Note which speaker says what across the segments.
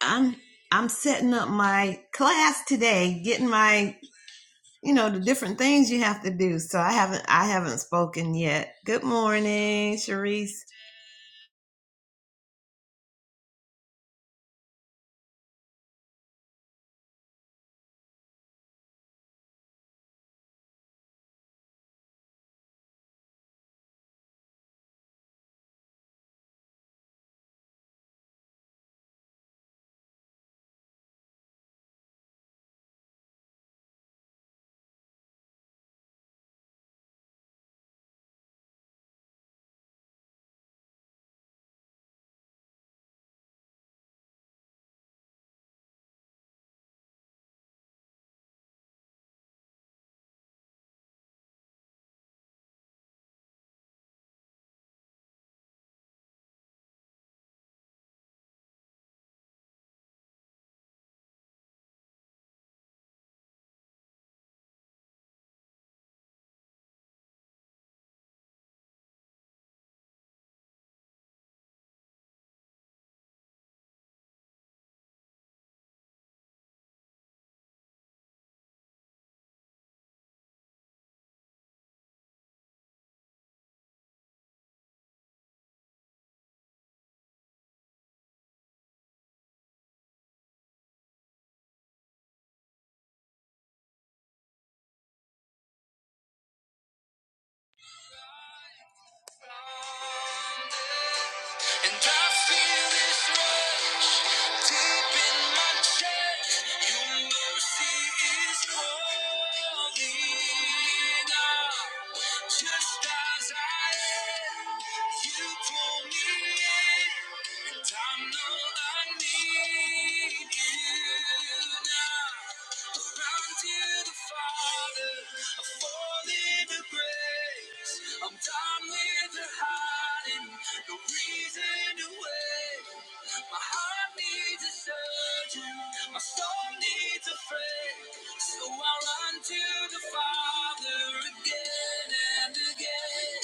Speaker 1: I'm I'm setting up my class today, getting my you know the different things you have to do. So I haven't I haven't spoken yet. Good morning, Sharice. And I feel this rush deep in my chest. Your mercy is calling out. Just as I am, you pull me in. And I know I need you now. Around you, the Father, I fall into grace. I'm done with the high running, no reason to wait. My heart needs a surgeon, my soul needs a friend. So I run to the Father again and again.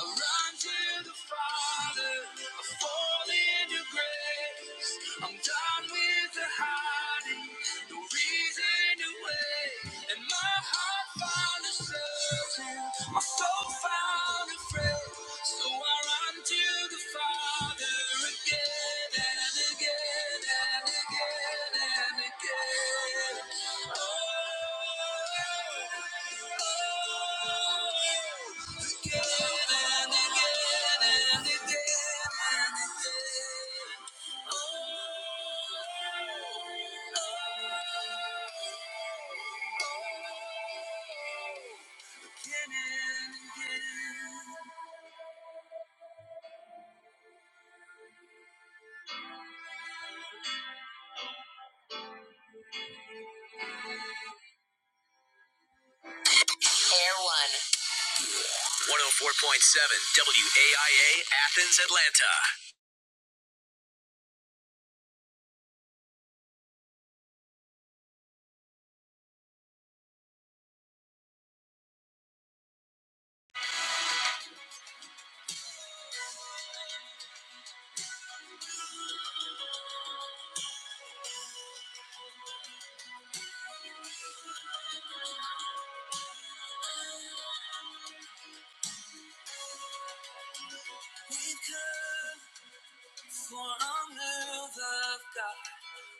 Speaker 1: I run to the Father, I fall into grace. I'm done with the hiding, no reason to wait. And my heart finds a surgeon, my soul found a friend. So I run to the Father again and again and again and again. Oh, oh, again and again and again and again. Oh, oh, oh. 104.7 WAIA Athens, Atlanta. We've come for a move of God.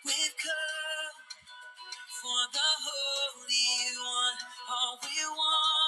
Speaker 1: We've come for the Holy One. All we want.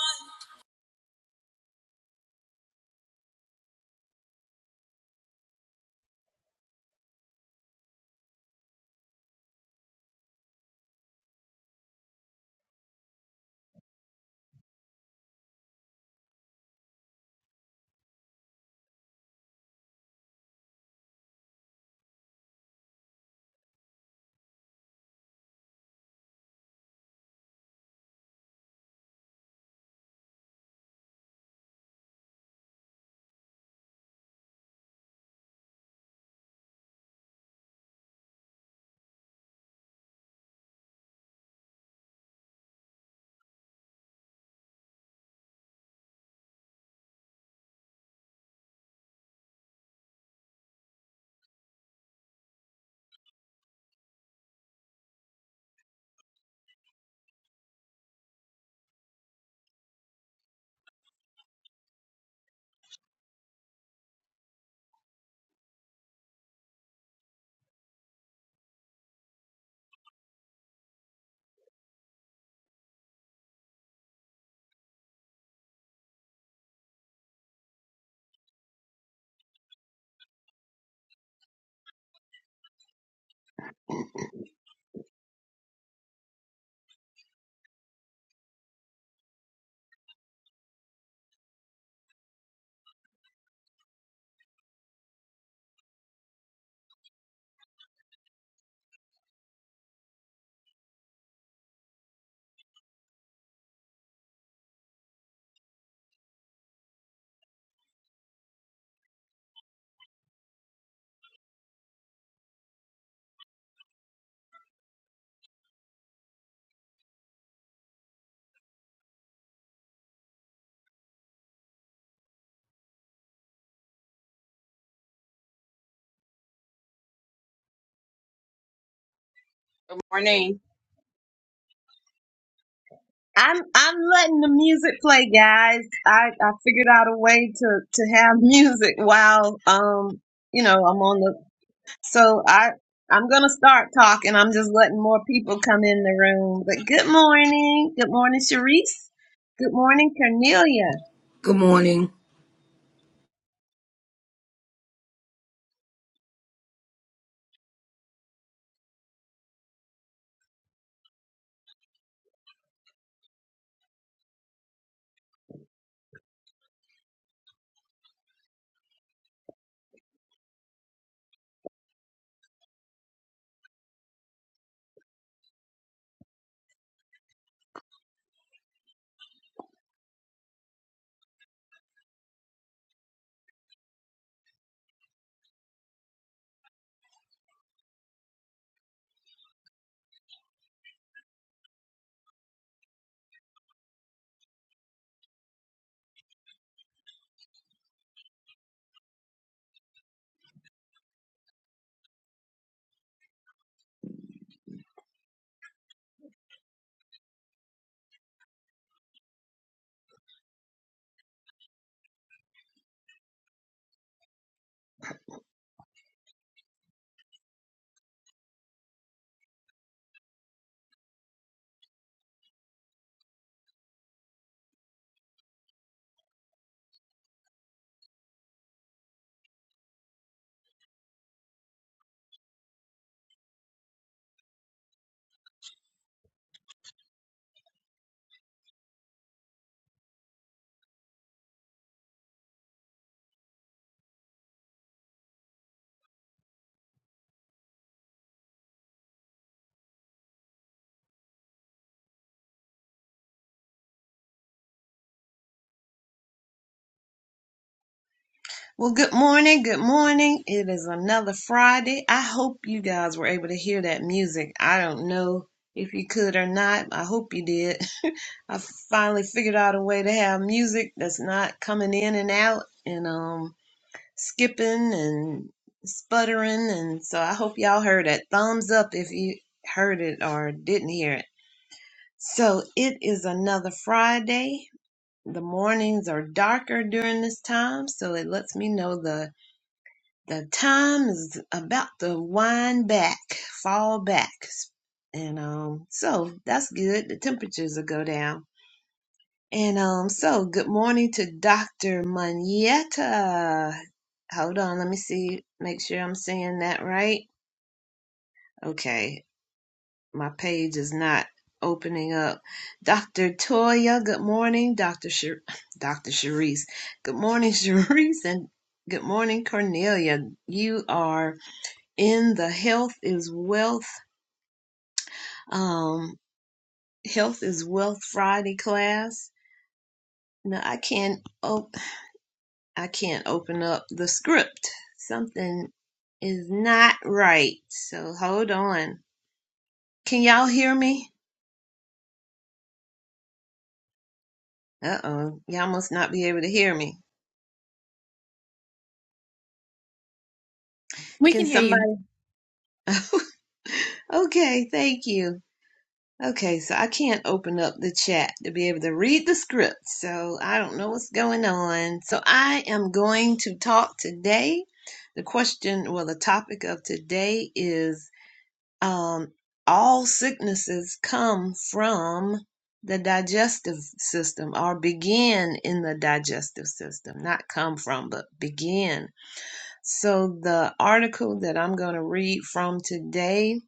Speaker 2: Morning.
Speaker 1: I'm I'm letting the music play, guys. I, I figured out a way to, to have music while um you know I'm on the So I I'm gonna start talking. I'm just letting more people come in the room. But good morning. Good morning, Sharice. Good morning, Cornelia.
Speaker 3: Good morning.
Speaker 1: Well, good morning. Good morning. It is another Friday. I hope you guys were able to hear that music. I don't know if you could or not. I hope you did. I finally figured out a way to have music that's not coming in and out. And um skipping and sputtering. And so I hope y'all heard it. Thumbs up if you heard it or didn't hear it. So it is another Friday. The mornings are darker during this time, so it lets me know the the time is about to wind back, fall back. And um so that's good. The temperatures will go down. And um, so good morning to Dr. Manietta. Hold on, let me see, make sure I'm saying that right. Okay, my page is not opening up. Dr. Toya, good morning. Dr. Sher- Dr. Sharice, good morning, Sharice, and good morning, Cornelia. You are in the Health is Wealth, um, Health is Wealth Friday class. No, I can't. I can't open up the script. Something is not right. So hold on. Can y'all hear me? Uh oh. Y'all must not be able to hear me.
Speaker 4: We can
Speaker 1: Can
Speaker 4: hear
Speaker 1: somebody?
Speaker 4: you.
Speaker 1: okay, thank you. Okay, so I can't open up the chat to be able to read the script. So I don't know what's going on. So I am going to talk today. The question, well, the topic of today is um, all sicknesses come from the digestive system or begin in the digestive system, not come from, but begin. So, the article that I'm going to read from today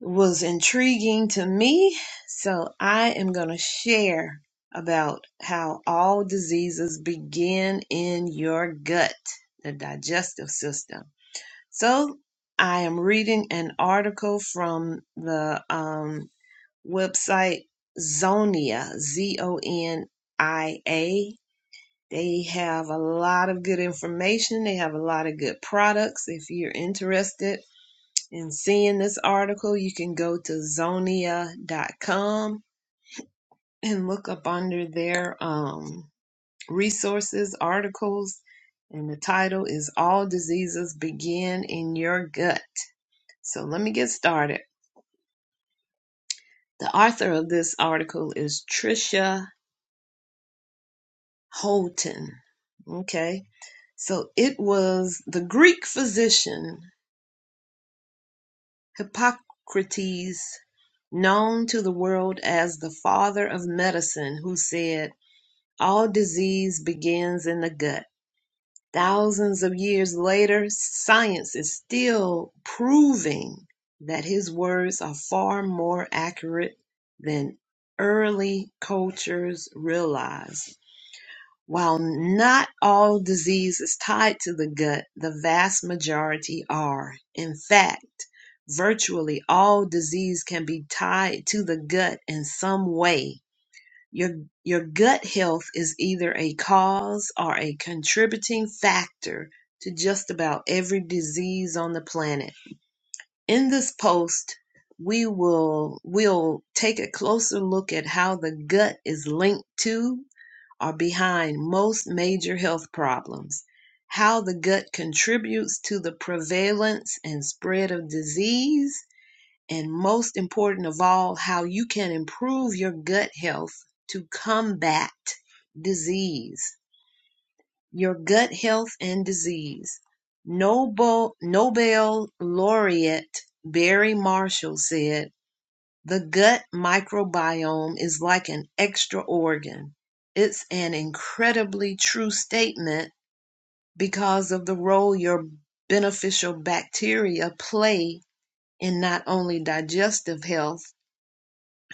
Speaker 1: was intriguing to me. So, I am going to share about how all diseases begin in your gut, the digestive system. So I am reading an article from the um, website Zonia, Z O N I A. They have a lot of good information. They have a lot of good products. If you're interested in seeing this article, you can go to zonia.com and look up under their um, resources, articles, and the title is All Diseases Begin in Your Gut so let me get started. The author of this article is Tricia Holton. Okay. So it was the Greek physician Hippocrates, known to the world as the father of medicine, who said, All disease begins in the gut. Thousands of years later, science is still proving that his words are far more accurate than early cultures realized. While not all diseases tied to the gut, the vast majority are. In fact, virtually all disease can be tied to the gut in some way your, your gut health is either a cause or a contributing factor to just about every disease on the planet. In this post, we will we will take a closer look at how the gut is linked to or behind most major health problems, how the gut contributes to the prevalence and spread of disease, and most important of all, how you can improve your gut health to combat disease. Your gut health and disease. Nobel, Nobel laureate Barry Marshall said, The gut microbiome is like an extra organ. It's an incredibly true statement because of the role your beneficial bacteria play in not only digestive health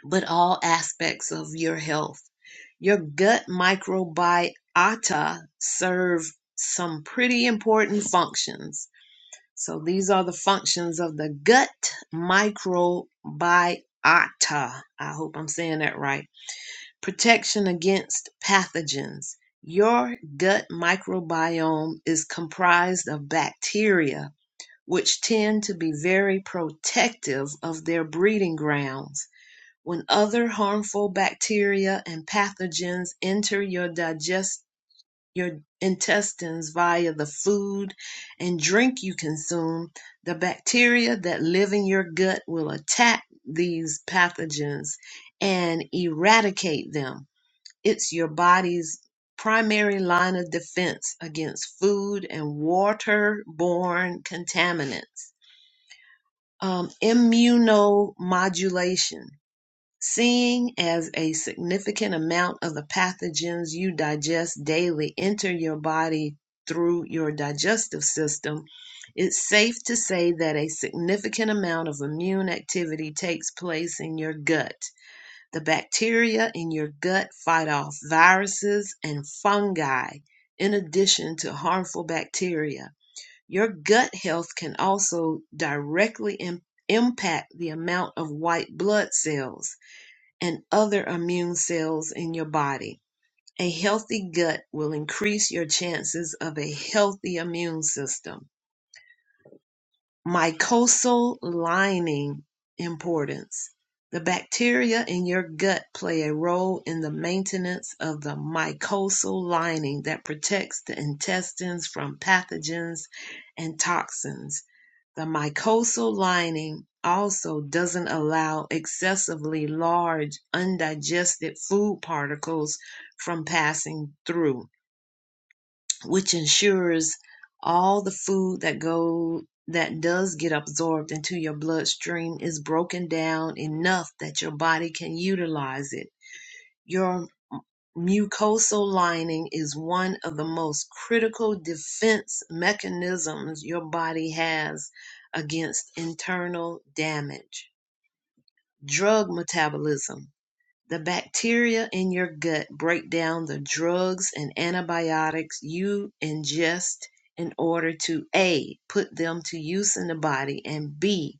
Speaker 1: but all aspects of your health. Your gut microbiota serve some pretty important functions. So these are the functions of the gut microbiota. I hope I'm saying that right. Protection against pathogens. Your gut microbiome is comprised of bacteria, which tend to be very protective of their breeding grounds when other harmful bacteria and pathogens enter your digest your intestines via the food and drink you consume, the bacteria that live in your gut will attack these pathogens and eradicate them. It's your body's primary line of defense against food and water-borne contaminants. Um, immunomodulation. Seeing as a significant amount of the pathogens you digest daily enter your body through your digestive system, it's safe to say that a significant amount of immune activity takes place in your gut. The bacteria in your gut fight off viruses and fungi, in addition to harmful bacteria. Your gut health can also directly im- impact the amount of white blood cells and other immune cells in your body. A healthy gut will increase your chances of a healthy immune system. Mucosal lining importance. The bacteria in your gut play a role in the maintenance of the mucosal lining that protects the intestines from pathogens and toxins. The mucosal lining also doesn't allow excessively large undigested food particles from passing through, which ensures all the food that go that does get absorbed into your bloodstream is broken down enough that your body can utilize it your mucosal lining is one of the most critical defense mechanisms your body has against internal damage. Drug metabolism. The bacteria in your gut break down the drugs and antibiotics you ingest in order to A, put them to use in the body, and B,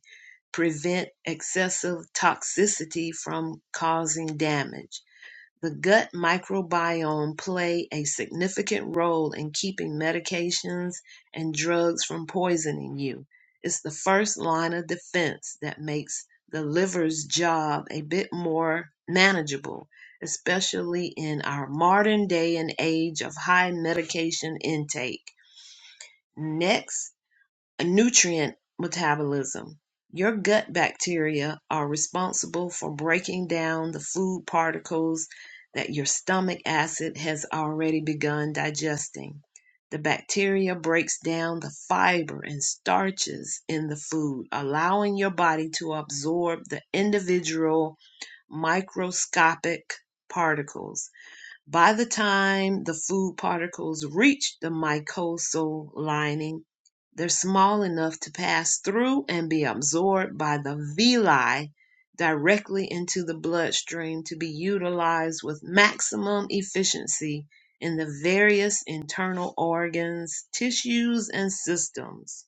Speaker 1: prevent excessive toxicity from causing damage the gut microbiome play a significant role in keeping medications and drugs from poisoning you. It's the first line of defense that makes the liver's job a bit more manageable, especially in our modern day and age of high medication intake. Next, nutrient metabolism. Your gut bacteria are responsible for breaking down the food particles that your stomach acid has already begun digesting. The bacteria breaks down the fiber and starches in the food, allowing your body to absorb the individual microscopic particles. By the time the food particles reach the mucosal lining, they're small enough to pass through and be absorbed by the villi directly into the bloodstream to be utilized with maximum efficiency in the various internal organs, tissues, and systems.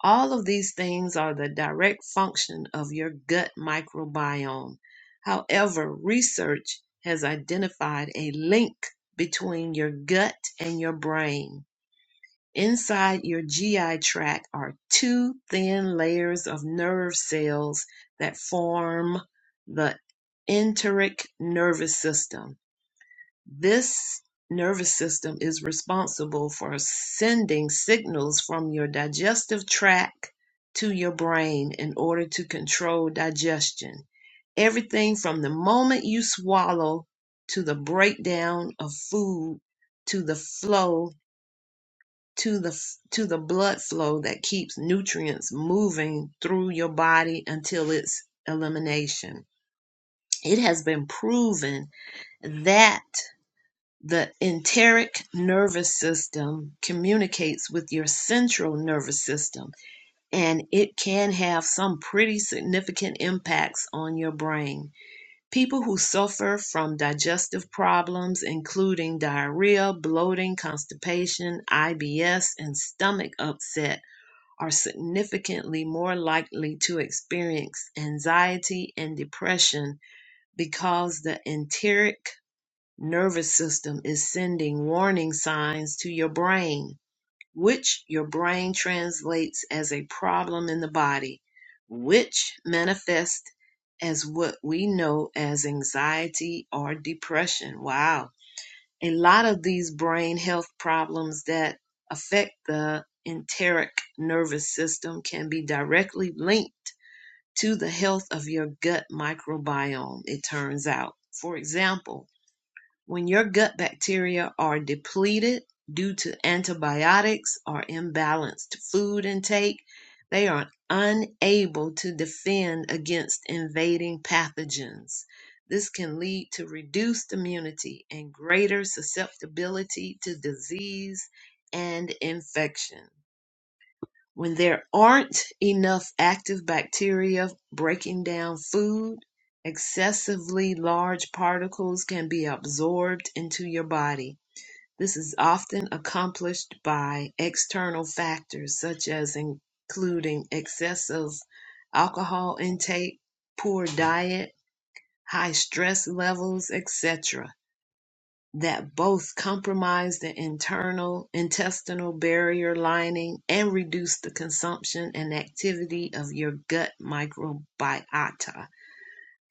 Speaker 1: All of these things are the direct function of your gut microbiome. However, research has identified a link between your gut and your brain. Inside your GI tract are two thin layers of nerve cells that form the enteric nervous system. This nervous system is responsible for sending signals from your digestive tract to your brain in order to control digestion. Everything from the moment you swallow to the breakdown of food to the flow to the to the blood flow that keeps nutrients moving through your body until its elimination. It has been proven that the enteric nervous system communicates with your central nervous system, and it can have some pretty significant impacts on your brain. People who suffer from digestive problems, including diarrhea, bloating, constipation, IBS, and stomach upset, are significantly more likely to experience anxiety and depression because the enteric nervous system is sending warning signs to your brain, which your brain translates as a problem in the body, which manifests as what we know as anxiety or depression. Wow. A lot of these brain health problems that affect the enteric nervous system can be directly linked to the health of your gut microbiome, it turns out. For example, when your gut bacteria are depleted due to antibiotics or imbalanced food intake, they are unable to defend against invading pathogens. This can lead to reduced immunity and greater susceptibility to disease and infection. When there aren't enough active bacteria breaking down food, excessively large particles can be absorbed into your body. This is often accomplished by external factors such as including excessive alcohol intake, poor diet, high stress levels, etc that both compromise the internal intestinal barrier lining and reduce the consumption and activity of your gut microbiota.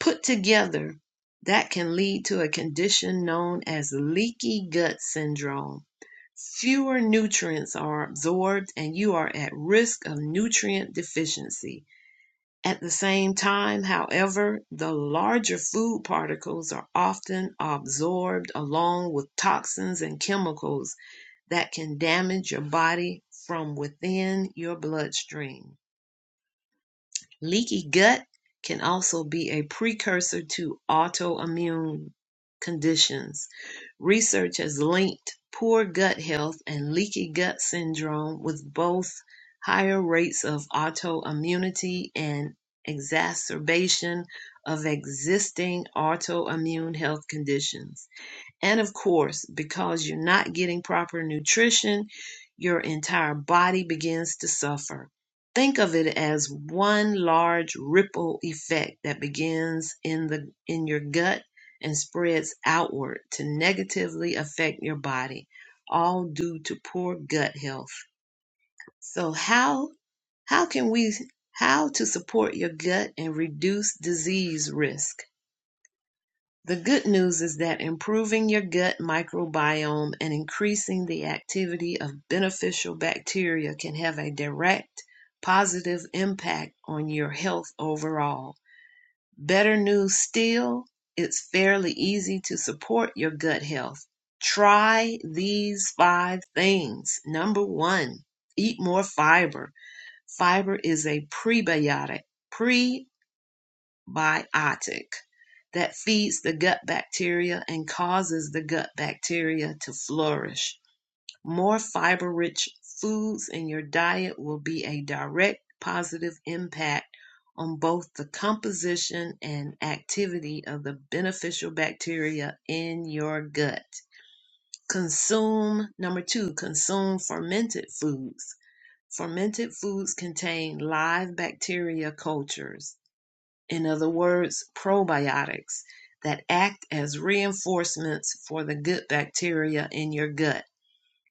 Speaker 1: Put together, that can lead to a condition known as leaky gut syndrome. Fewer nutrients are absorbed, and you are at risk of nutrient deficiency. At the same time, however, the larger food particles are often absorbed along with toxins and chemicals that can damage your body from within your bloodstream. Leaky gut can also be a precursor to autoimmune conditions. Research has linked poor gut health and leaky gut syndrome with both higher rates of autoimmunity and exacerbation of existing autoimmune health conditions. And of course, because you're not getting proper nutrition, your entire body begins to suffer. Think of it as one large ripple effect that begins in the in your gut and spreads outward to negatively affect your body, all due to poor gut health. So how how can we how to support your gut and reduce disease risk? The good news is that improving your gut microbiome and increasing the activity of beneficial bacteria can have a direct positive impact on your health overall. Better news still, it's fairly easy to support your gut health. Try these five things. Number one, eat more fiber. Fiber is a prebiotic. Pre biotic that feeds the gut bacteria and causes the gut bacteria to flourish. More fiber rich foods in your diet will be a direct positive impact on both the composition and activity of the beneficial bacteria in your gut. Consume, number two, consume fermented foods. Fermented foods contain live bacteria cultures in other words, probiotics, that act as reinforcements for the good bacteria in your gut.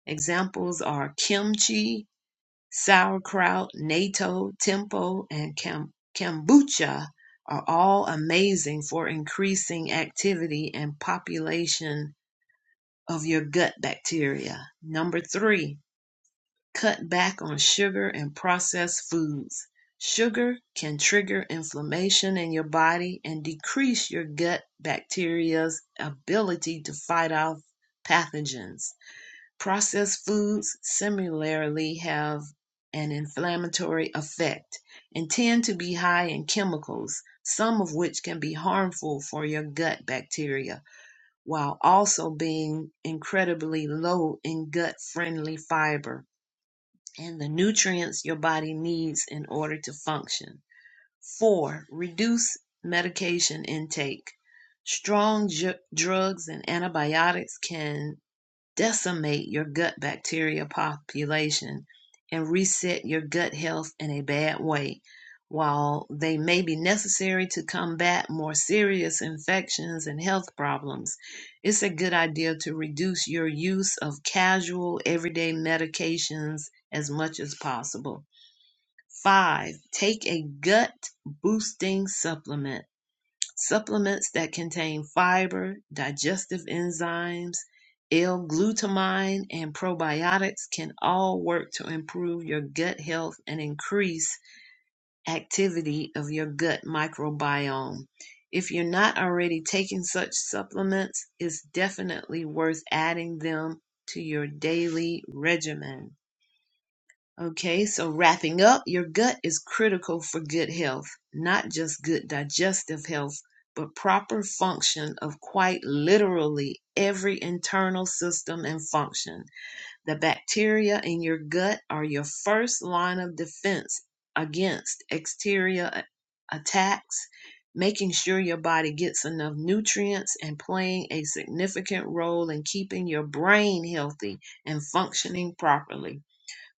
Speaker 1: Examples are kimchi, sauerkraut, natto, tempo, and kam- kombucha are all amazing for increasing activity and population of your gut bacteria. Number three, Cut back on sugar and processed foods. Sugar can trigger inflammation in your body and decrease your gut bacteria's ability to fight off pathogens. Processed foods similarly have an inflammatory effect and tend to be high in chemicals, some of which can be harmful for your gut bacteria, while also being incredibly low in gut friendly fiber and the nutrients your body needs in order to function. Four, reduce medication intake. Strong ju- drugs and antibiotics can decimate your gut bacteria population and reset your gut health in a bad way. While they may be necessary to combat more serious infections and health problems, it's a good idea to reduce your use of casual everyday medications as much as possible. Five, take a gut boosting supplement Supplements that contain fiber, digestive enzymes, L-glutamine, and probiotics can all work to improve your gut health and increase activity of your gut microbiome. If you're not already taking such supplements, it's definitely worth adding them to your daily regimen. Okay, so wrapping up, your gut is critical for good health, not just good digestive health, but proper function of quite literally every internal system and function. The bacteria in your gut are your first line of defense against exterior a- attacks, making sure your body gets enough nutrients and playing a significant role in keeping your brain healthy and functioning properly.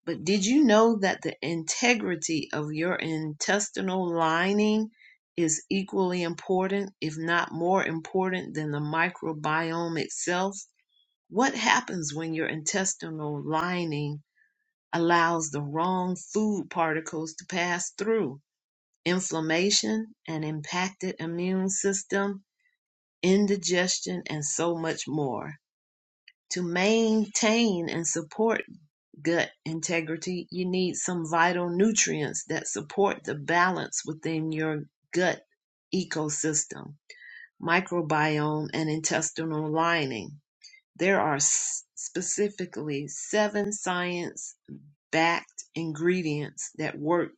Speaker 1: But did you know that the integrity of your intestinal lining is equally important, if not more important, than the microbiome itself? What happens when your intestinal lining allows the wrong food particles to pass through? Inflammation, an impacted immune system, indigestion, and so much more. To maintain and support gut integrity, you need some vital nutrients that support the balance within your gut ecosystem, microbiome, and intestinal lining. There are s- specifically seven science backed ingredients that work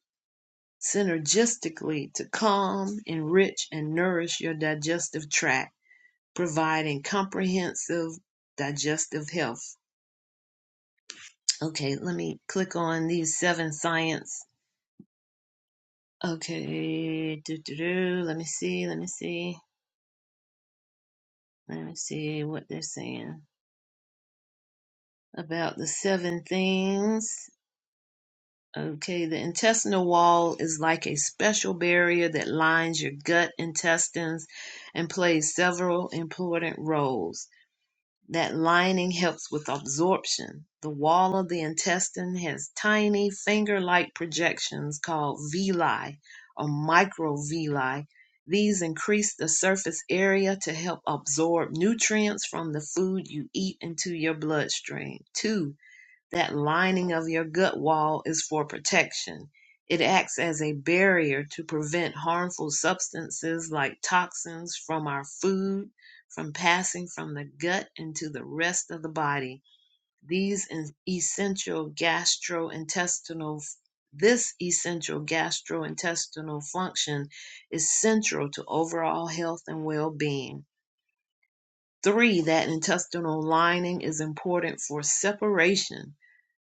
Speaker 1: synergistically to calm, enrich, and nourish your digestive tract, providing comprehensive digestive health. Okay, let me click on these seven science. Okay, do, do, do. let me see, let me see, let me see what they're saying about the seven things. Okay, the intestinal wall is like a special barrier that lines your gut intestines and plays several important roles. That lining helps with absorption. The wall of the intestine has tiny finger like projections called villi or microvilli. These increase the surface area to help absorb nutrients from the food you eat into your bloodstream. Two, that lining of your gut wall is for protection. It acts as a barrier to prevent harmful substances like toxins from our food from passing from the gut into the rest of the body. These essential gastrointestinal this essential gastrointestinal function is central to overall health and well-being. 3. That intestinal lining is important for separation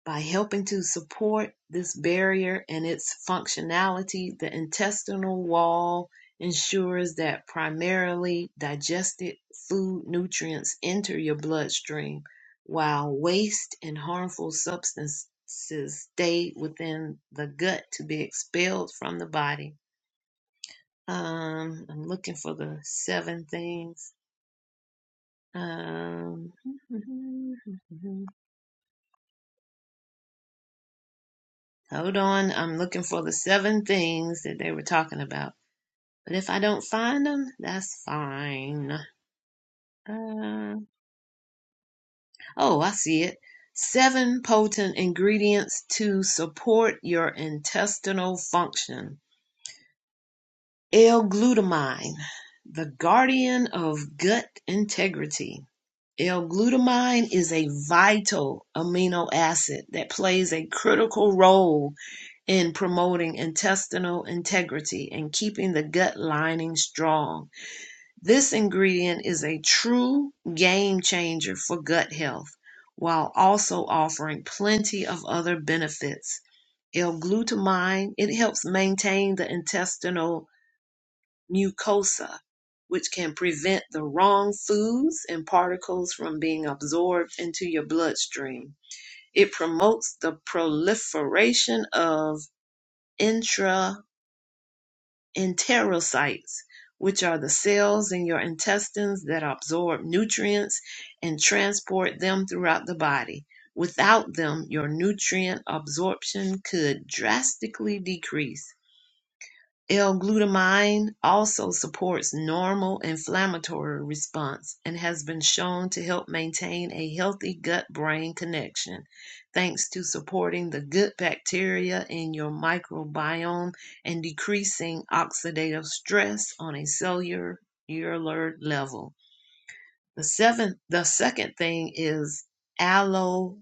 Speaker 1: by helping to support this barrier and its functionality, the intestinal wall ensures that primarily digested food nutrients enter your bloodstream, while waste and harmful substances stay within the gut to be expelled from the body. Um, I'm looking for the seven things. Um, hold on, I'm looking for the seven things that they were talking about. But if I don't find them, that's fine. Uh, oh, I see it. Seven potent ingredients to support your intestinal function. L-glutamine, the guardian of gut integrity. L-glutamine is a vital amino acid that plays a critical role in promoting intestinal integrity and keeping the gut lining strong. This ingredient is a true game changer for gut health while also offering plenty of other benefits. L-glutamine, it helps maintain the intestinal mucosa, which can prevent the wrong foods and particles from being absorbed into your bloodstream. It promotes the proliferation of intra enterocytes, which are the cells in your intestines that absorb nutrients and transport them throughout the body. Without them, your nutrient absorption could drastically decrease. L-glutamine also supports normal inflammatory response and has been shown to help maintain a healthy gut-brain connection, thanks to supporting the good bacteria in your microbiome and decreasing oxidative stress on a cellular level. The seventh, the second thing is aloe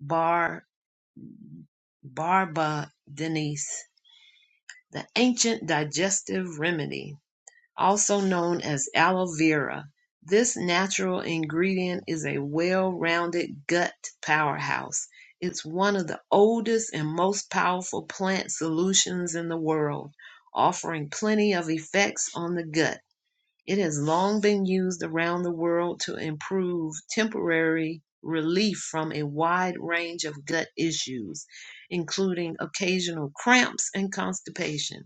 Speaker 1: bar, barba denise, the ancient digestive remedy. also known as aloe vera. This natural ingredient is a well-rounded gut powerhouse. It's one of the oldest and most powerful plant solutions in the world, offering plenty of effects on the gut. It has long been used around the world to improve temporary relief from a wide range of gut issues, including occasional cramps and constipation.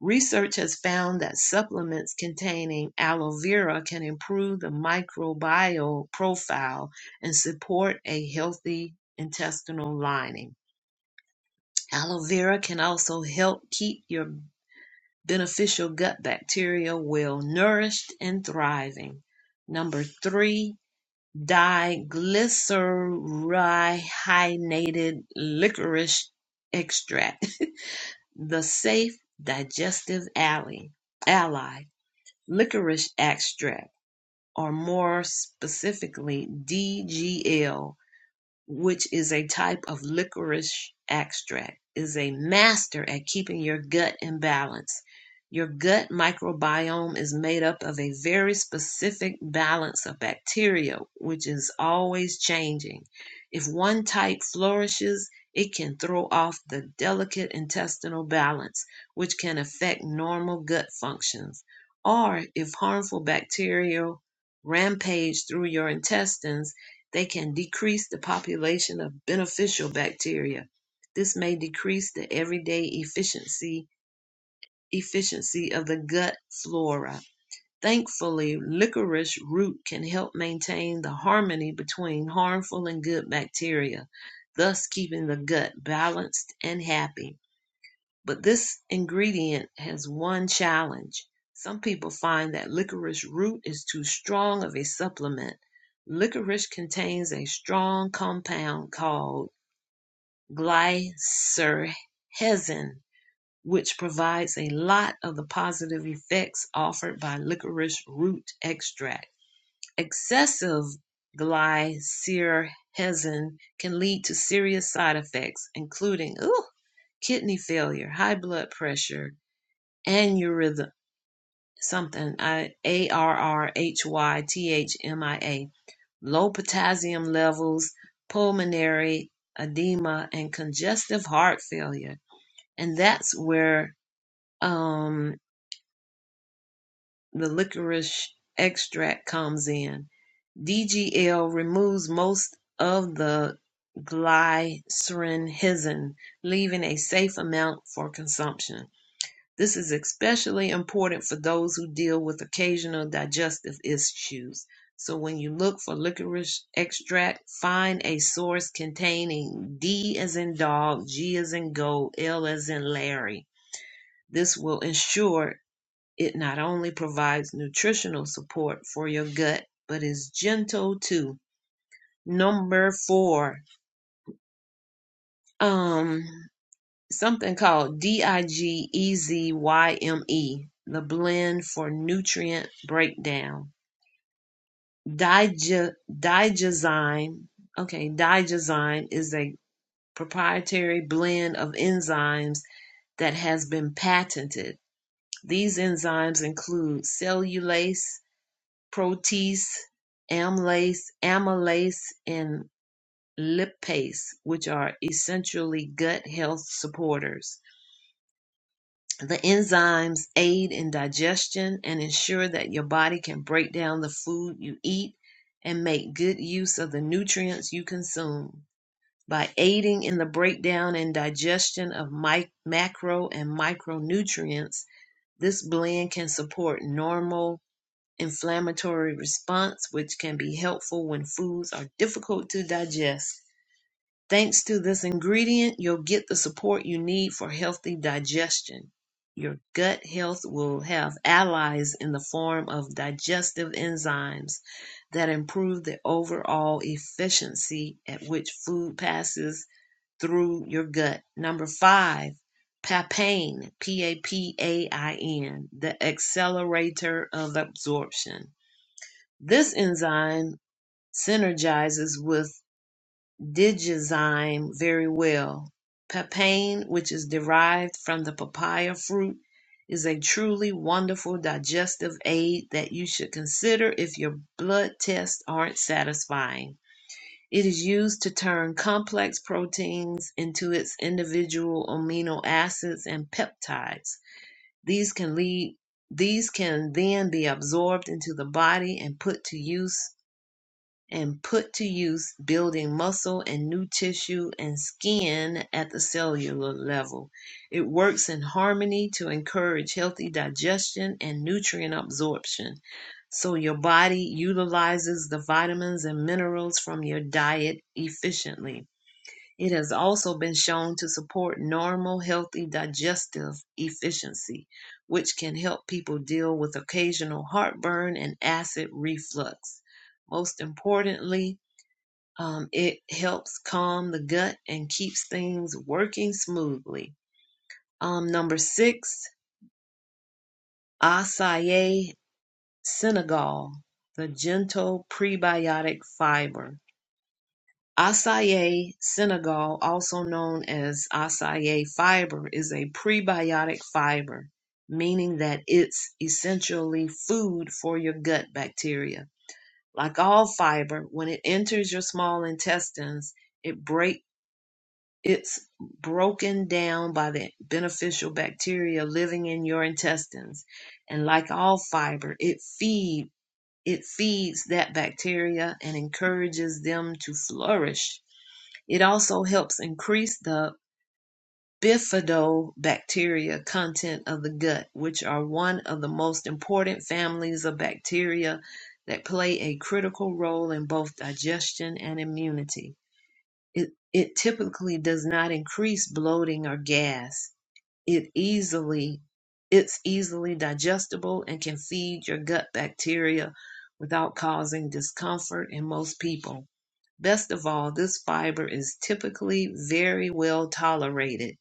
Speaker 1: Research has found that supplements containing aloe vera can improve the microbial profile and support a healthy intestinal lining. Aloe vera can also help keep your beneficial gut bacteria well nourished and thriving. Number three, diglycerinated licorice extract, the safe digestive ally. Ally. Licorice extract, or more specifically dgl which is a type of licorice extract, is a master at keeping your gut in balance. Your gut microbiome is made up of a very specific balance of bacteria, which is always changing. If one type flourishes, it can throw off the delicate intestinal balance, which can affect normal gut functions. Or if harmful bacteria rampage through your intestines, they can decrease the population of beneficial bacteria. This may decrease the everyday efficiency efficiency of the gut flora. Thankfully, licorice root can help maintain the harmony between harmful and good bacteria, thus keeping the gut balanced and happy. But this ingredient has one challenge. Some people find that licorice root is too strong of a supplement. Licorice contains a strong compound called glycyrrhizin, which provides a lot of the positive effects offered by licorice root extract. Excessive glycyrrhizin can lead to serious side effects, including ooh, kidney failure, high blood pressure, aneurysm something a r r h y t h m i a, low potassium levels, pulmonary edema, and congestive heart failure. And that's where um, the licorice extract comes in. DGL removes most of the glycerin, leaving a safe amount for consumption. This is especially important for those who deal with occasional digestive issues. So when you look for licorice extract, find a source containing D as in dog, G as in gold, L as in Larry. This will ensure it not only provides nutritional support for your gut, but is gentle too. Number four. Um something called D-I-G-E-Z-Y-M-E, the blend for nutrient breakdown. Digi- Digizyme, okay, Digizyme is a proprietary blend of enzymes that has been patented. These enzymes include cellulase, protease, amylase, amylase, and lipase, which are essentially gut health supporters. The enzymes aid in digestion and ensure that your body can break down the food you eat and make good use of the nutrients you consume. By aiding in the breakdown and digestion of mi- macro and micronutrients, this blend can support normal inflammatory response, which can be helpful when foods are difficult to digest Thanks to this ingredient, you'll get the support you need for healthy digestion. Your gut health will have allies in the form of digestive enzymes that improve the overall efficiency at which food passes through your gut. Number five, papain, P A P A I N, the accelerator of absorption. This enzyme synergizes with digoxime very well. Papain, which is derived from the papaya fruit, is a truly wonderful digestive aid that you should consider if your blood tests aren't satisfying. It is used to turn complex proteins into its individual amino acids and peptides. These can lead these can then be absorbed into the body and put to use and put to use building muscle and new tissue and skin at the cellular level. It works in harmony to encourage healthy digestion and nutrient absorption. So your body utilizes the vitamins and minerals from your diet efficiently. It has also been shown to support normal, healthy digestive efficiency, which can help people deal with occasional heartburn and acid reflux. Most importantly, um, it helps calm the gut and keeps things working smoothly. Um, number six, acai senegal, the gentle prebiotic fiber. Acai senegal, also known as acai fiber, is a prebiotic fiber, meaning that it's essentially food for your gut bacteria. Like all fiber, when it enters your small intestines, it break it's broken down by the beneficial bacteria living in your intestines. And like all fiber, it feed it feeds that bacteria and encourages them to flourish it also helps increase the bifidobacteria content of the gut, which are one of the most important families of bacteria that play a critical role in both digestion and immunity. It, it typically does not increase bloating or gas. It easily it's easily digestible and can feed your gut bacteria without causing discomfort in most people. Best of all, this fiber is typically very well tolerated,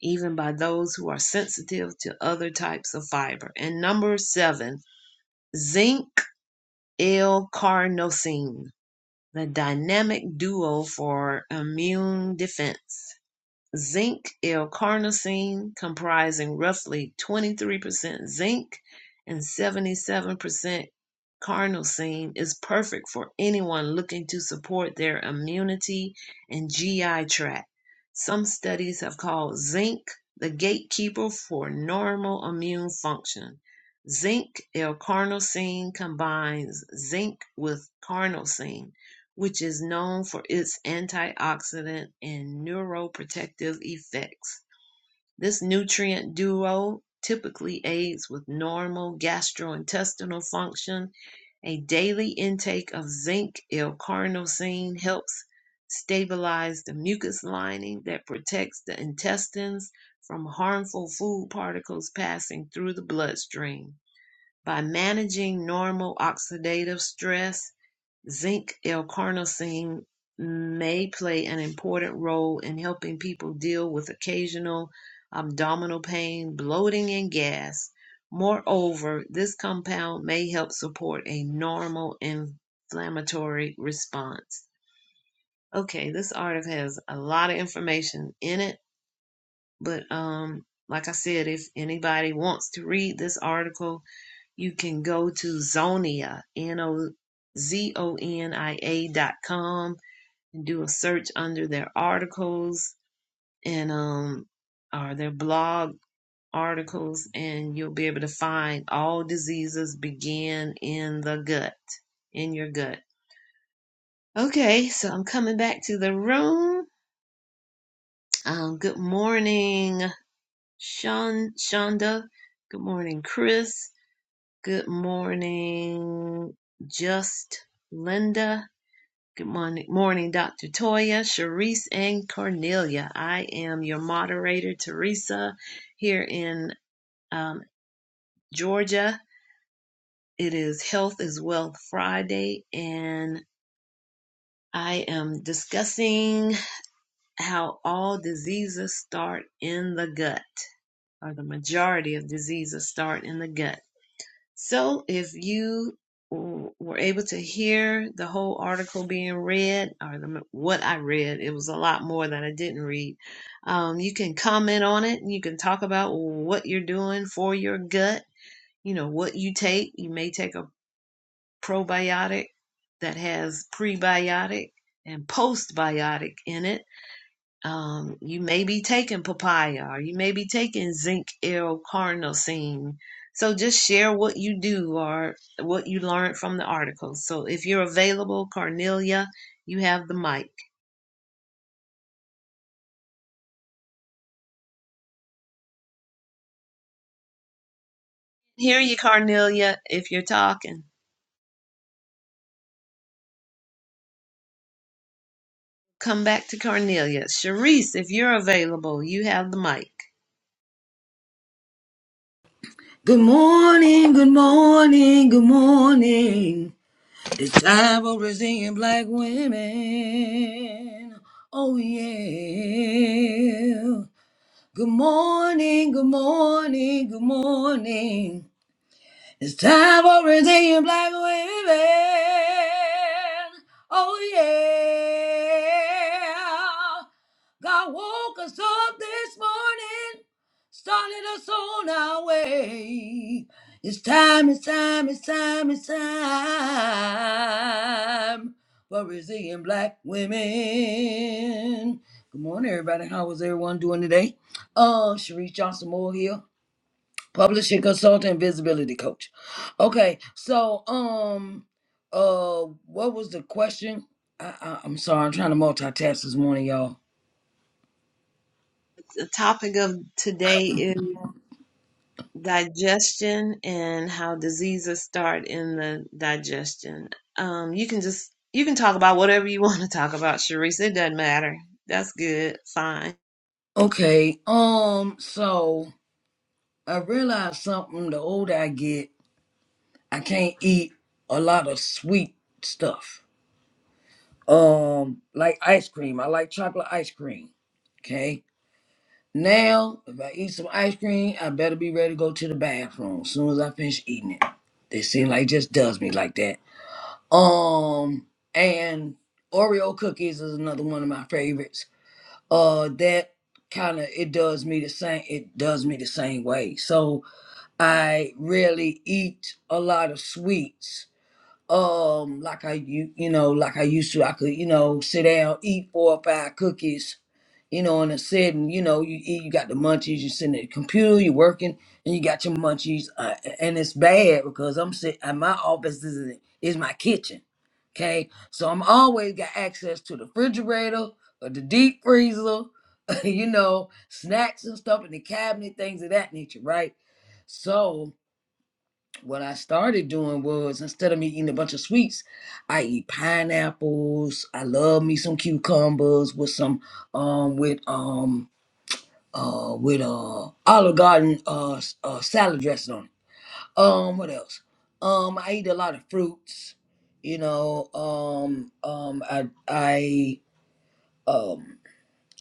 Speaker 1: even by those who are sensitive to other types of fiber. And number seven, zinc L-carnosine, the dynamic duo for immune defense zinc L-carnosine comprising roughly 23% zinc and 77% carnosine is perfect for anyone looking to support their immunity and GI tract. Some studies have called zinc the gatekeeper for normal immune function. Zinc L-carnosine combines zinc with carnosine which is known for its antioxidant and neuroprotective effects. This nutrient duo typically aids with normal gastrointestinal function. A daily intake of zinc L-carnosine helps stabilize the mucus lining that protects the intestines from harmful food particles passing through the bloodstream. By managing normal oxidative stress, Zinc L-carnosine may play an important role in helping people deal with occasional abdominal pain, bloating, and gas. Moreover, this compound may help support a normal inflammatory response. Okay, this article has a lot of information in it, but um, like I said, if anybody wants to read this article, you can go to Zonia, N O Z O N I A dot com and do a search under their articles and um or their blog articles and you'll be able to find all diseases begin in the gut in your gut okay so i'm coming back to the room um good morning Shon, shonda good morning chris good morning just linda Good morning, morning, Dr. Toya, Sharice, and Cornelia. I am your moderator, Teresa, here in um, Georgia. It is Health is Wealth Friday, and I am discussing how all diseases start in the gut, or the majority of diseases start in the gut. So if you w- were able to hear the whole article being read, or the, what I read, it was a lot more than I didn't read. Um, you can comment on it and you can talk about what you're doing for your gut, you know, what you take. You may take a probiotic that has prebiotic and postbiotic in it um, you may be taking papaya or you may be taking zinc L carnosine. So just share what you do or what you learned from the article. So if you're available, Cornelia, you have the mic. Hear you, Cornelia, if you're talking. Come back to Cornelia. Sharice, if you're available, you have the mic.
Speaker 3: Good morning. Good morning. Good morning. It's time for Brazilian black women. Oh, yeah. Good morning. Good morning. Good morning. It's time for redeeming black women. Oh yeah. God woke us up this morning, started us on our way. It's time, it's time, it's time, it's time for resilient black women. Good morning, everybody. How is everyone doing today? Uh, Sharice Johnson Moore here publishing consultant visibility coach okay so um uh what was the question I, I i'm sorry i'm trying to multitask this morning y'all
Speaker 1: The topic of today is. digestion and how diseases start in the digestion. Um, you can just you can talk about whatever you want to talk about, Sharice. It doesn't matter. That's good. Fine,
Speaker 3: okay um so i realized something the older i get i can't eat a lot of sweet stuff um like ice cream i like chocolate ice cream okay now if i eat some ice cream i better be ready to go to the bathroom as soon as i finish eating it they seem like it just does me like that Um, and Oreo cookies is another one of my favorites. Uh, that kind of it does me the same. It does me the same way. So I really eat a lot of sweets um like I you you know like I used to I could you know sit down eat four or five cookies you know in a sitting you know you eat you got the munchies you sitting at the computer you are working and you got your munchies uh, and it's bad because I'm sit at my office is is my kitchen okay so I'm always got access to the refrigerator or the deep freezer you know snacks and stuff in the cabinet things of that nature right so what I started doing was instead of me eating a bunch of sweets, I eat pineapples. I love me some cucumbers with some um with um uh with uh Olive Garden uh, s- uh salad dressing on it. Um, what else? Um, I eat a lot of fruits. You know, um, um, I I um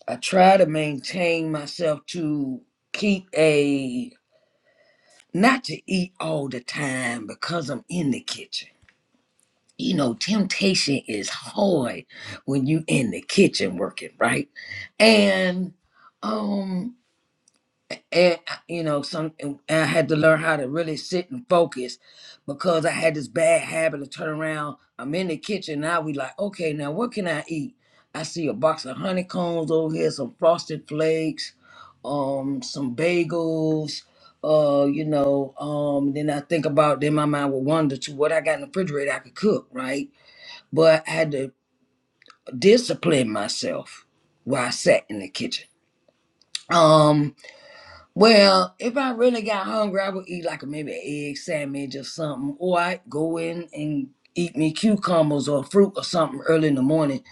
Speaker 3: I try to maintain myself to keep a not to eat all the time because I'm in the kitchen you know, temptation is hard when you in the kitchen working, right? And um and uh, you know, some and I had to learn how to really sit and focus because I had this bad habit of turn around. I'm in the kitchen now. We like, okay, now what can I eat? I see a box of honeycombs over here, some frosted flakes, um, some bagels. Uh, you know, um, then I think about then my mind would wander to what I got in the refrigerator I could cook, right? but I had to discipline myself while I sat in the kitchen. Um, well, if I really got hungry, I would eat like a maybe an egg sandwich or something, or I would go in and eat me cucumbers or fruit or something early in the morning.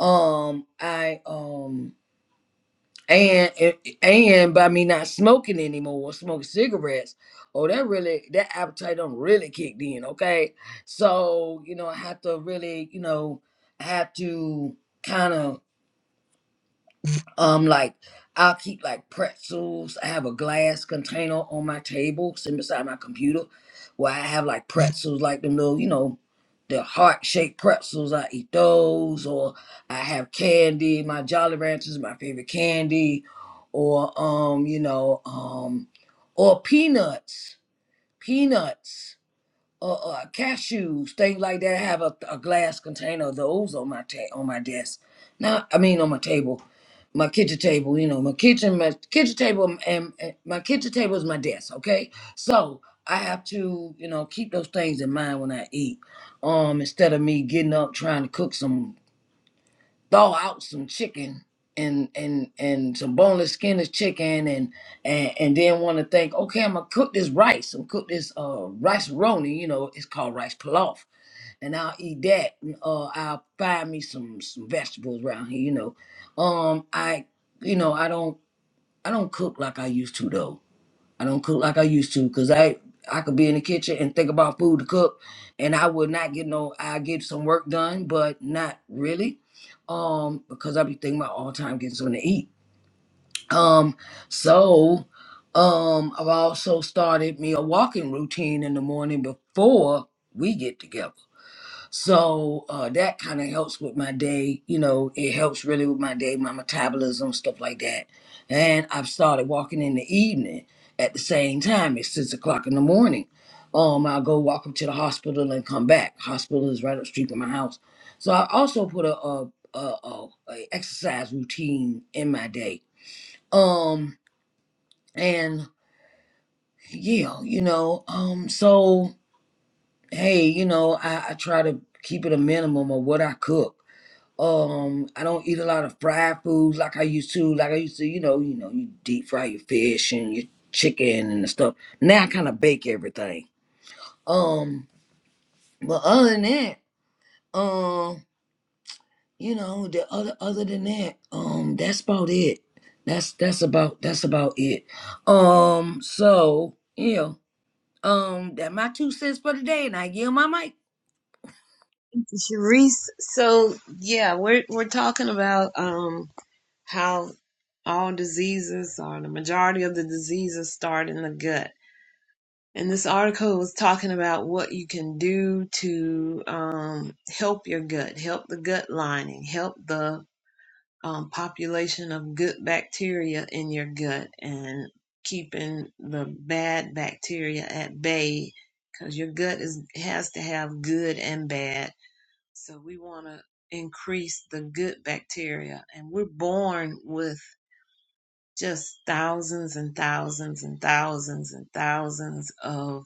Speaker 3: Um, I um and and by me not smoking anymore or smoking cigarettes, oh that really that appetite don't really kicked in, okay? So, you know, I have to really, you know, I have to kind of Um, like I'll keep like pretzels. I have a glass container on my table, sitting beside my computer, where I have like pretzels, like them little, you know, the heart shaped pretzels. I eat those, or I have candy. My Jolly Ranchers, is my favorite candy, or um, you know, um, or peanuts, peanuts uh, uh, cashews, things like that. I have a, a glass container of those on my ta- on my desk. Now, I mean on my table, my kitchen table. You know, my kitchen, my kitchen table, and, and my kitchen table is my desk. Okay, so I have to, you know, keep those things in mind when I eat. Um, instead of me getting up trying to cook some thaw out some chicken and and and some boneless skinless chicken and and and then want to think okay i'm gonna cook this rice i'm cook this uh rice roni you know it's called rice pilaf and i'll eat that and, uh i'll buy me some some vegetables around here you know um i you know i don't i don't cook like i used to though I don't cook like I used to because I I could be in the kitchen and think about food to cook, and I would not get no. I get some work done, but not really, um, because I be thinking about all the time getting something to eat. Um, so, um, I've also started me a walking routine in the morning before we get together. So uh, that kind of helps with my day. You know, it helps really with my day, my metabolism, stuff like that. And I've started walking in the evening at the same time. It's six o'clock in the morning. Um, I'll go walk up to the hospital and come back. Hospital is right up the street from my house. So I also put a, a, a, a, a exercise routine in my day. Um, and yeah, you know, um, so hey, you know, I, I try to keep it a minimum of what I cook Um, I don't eat a lot of fried foods like I used to. Like I used to, you know, you know, you deep fry your fish and your chicken and the stuff. Now I kind of bake everything. Um, but other than that, um, you know, the other other than that, um, that's about it. That's that's about that's about it. Um, so you know, um, that my two cents for the day, and I yield my mic.
Speaker 1: Sharice. So yeah, we're we're talking about um how all diseases or the majority of the diseases start in the gut. And this article was talking about what you can do to um, help your gut, help the gut lining, help the um, population of good bacteria in your gut and keeping the bad bacteria at bay because your gut is has to have good and bad. So we want to increase the good bacteria, and we're born with just thousands and thousands and thousands and thousands of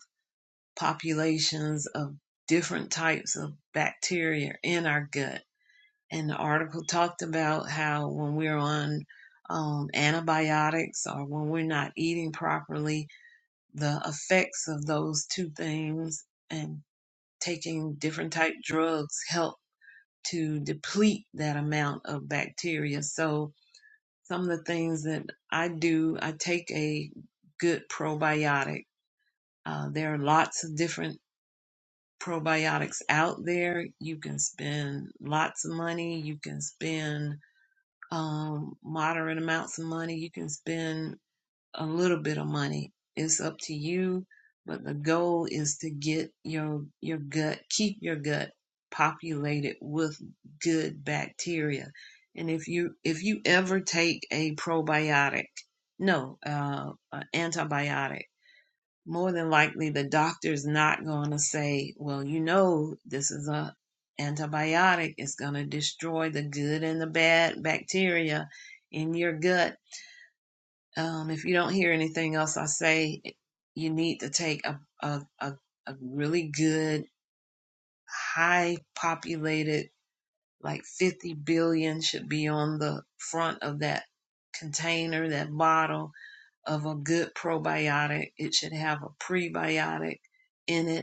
Speaker 1: populations of different types of bacteria in our gut and the article talked about how when we're on um, antibiotics or when we're not eating properly, the effects of those two things and taking different type drugs help to deplete that amount of bacteria. So some of the things that I do, I take a good probiotic. Uh, there are lots of different probiotics out there. You can spend lots of money. You can spend um, moderate amounts of money. You can spend a little bit of money. It's up to you, but the goal is to get your your gut, keep your gut populated with good bacteria. And if you if you ever take a probiotic, no, uh, an antibiotic more than likely the doctor's not going to say, well, you know, this is a antibiotic. It's going to destroy the good and the bad bacteria in your gut. Um, if you don't hear anything else I say, you need to take a, a, a, a really good, high populated, like 50 billion should be on the front of that container, that bottle of a good probiotic. It should have a prebiotic in it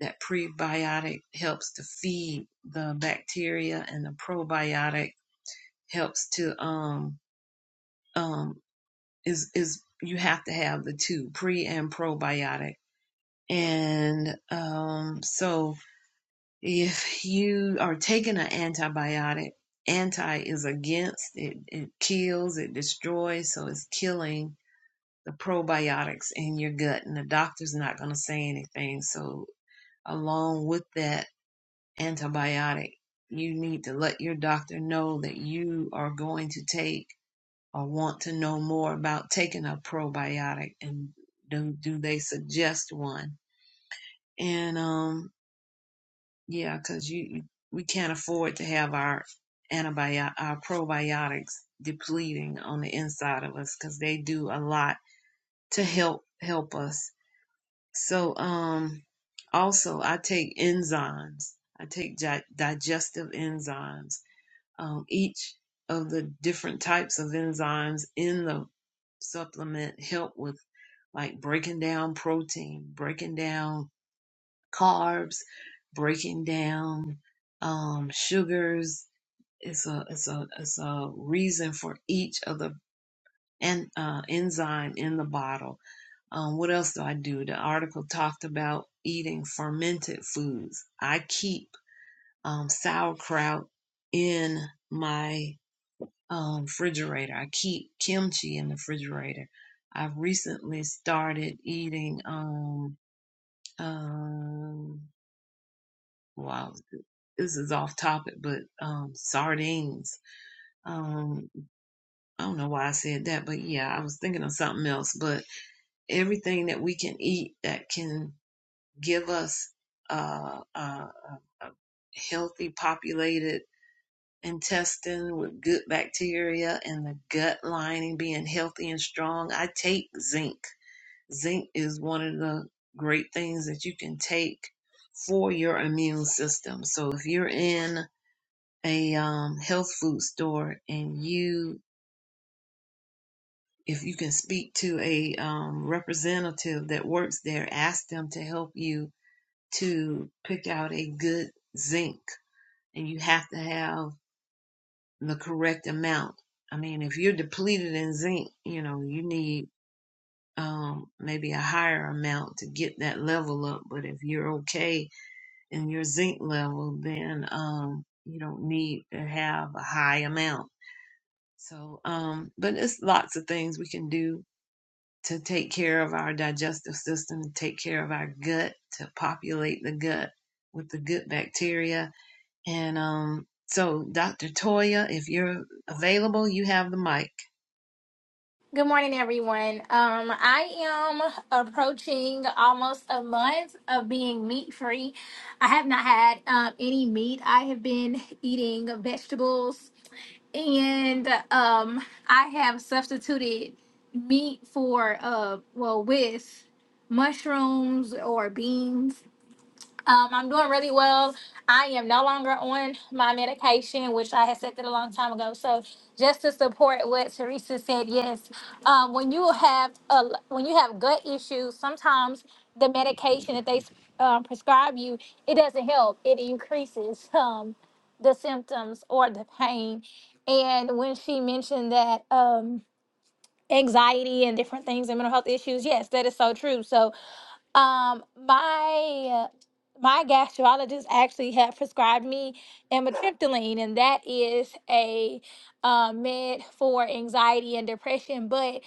Speaker 1: that prebiotic helps to feed the bacteria and the probiotic helps to um um is is you have to have the two pre and probiotic and um so if you are taking an antibiotic anti is against it it kills it destroys so it's killing the probiotics in your gut and the doctor's not going to say anything so along with that antibiotic. You need to let your doctor know that you are going to take or want to know more about taking a probiotic and do, do they suggest one? And um, yeah, because you we can't afford to have our antibiotic our probiotics depleting on the inside of us because they do a lot to help help us. So um, also I take enzymes. I take gi- digestive enzymes um, each of the different types of enzymes in the supplement help with like breaking down protein, breaking down carbs, breaking down um, sugars. It's a it's a it's a reason for each of the en- uh, enzyme in the bottle. Um, what else do I do? The article talked about eating fermented foods. I keep um, sauerkraut in my um, refrigerator. I keep kimchi in the refrigerator. I've recently started eating. Um, um, wow, this is off topic, but um, sardines. Um, I don't know why I said that, but yeah, I was thinking of something else. But everything that we can eat that can give us uh, a, a a healthy, populated. intestine with good bacteria and the gut lining being healthy and strong. I take zinc. Zinc is one of the great things that you can take for your immune system. So if you're in a um, health food store and you if you can speak to a um, representative that works there, ask them to help you to pick out a good zinc. And you have to have the correct amount. I mean, if you're depleted in zinc, you know, you need um, maybe a higher amount to get that level up. But if you're okay in your zinc level, then um, you don't need to have a high amount. So, um, but it's lots of things we can do to take care of our digestive system, take care of our gut, to populate the gut with the good bacteria. And um, so, Dr. Toya, if you're available, you have the mic.
Speaker 4: Good morning, everyone. Um, I am approaching almost a month of being meat free. I have not had um, any meat. I have been eating vegetables and um, I have substituted meat for, uh, well, with mushrooms or beans. Um, I'm doing really well. I am no longer on my medication, which I had said that a long time ago. So, just to support what Teresa said, yes, um, when you have a, when you have gut issues, sometimes the medication that they um, prescribe you, it doesn't help. It increases um, the symptoms or the pain. And when she mentioned that um, anxiety and different things and mental health issues, yes, that is so true. So, um, my my gastrologist actually had prescribed me amitriptyline, and that is a uh, med for anxiety and depression. But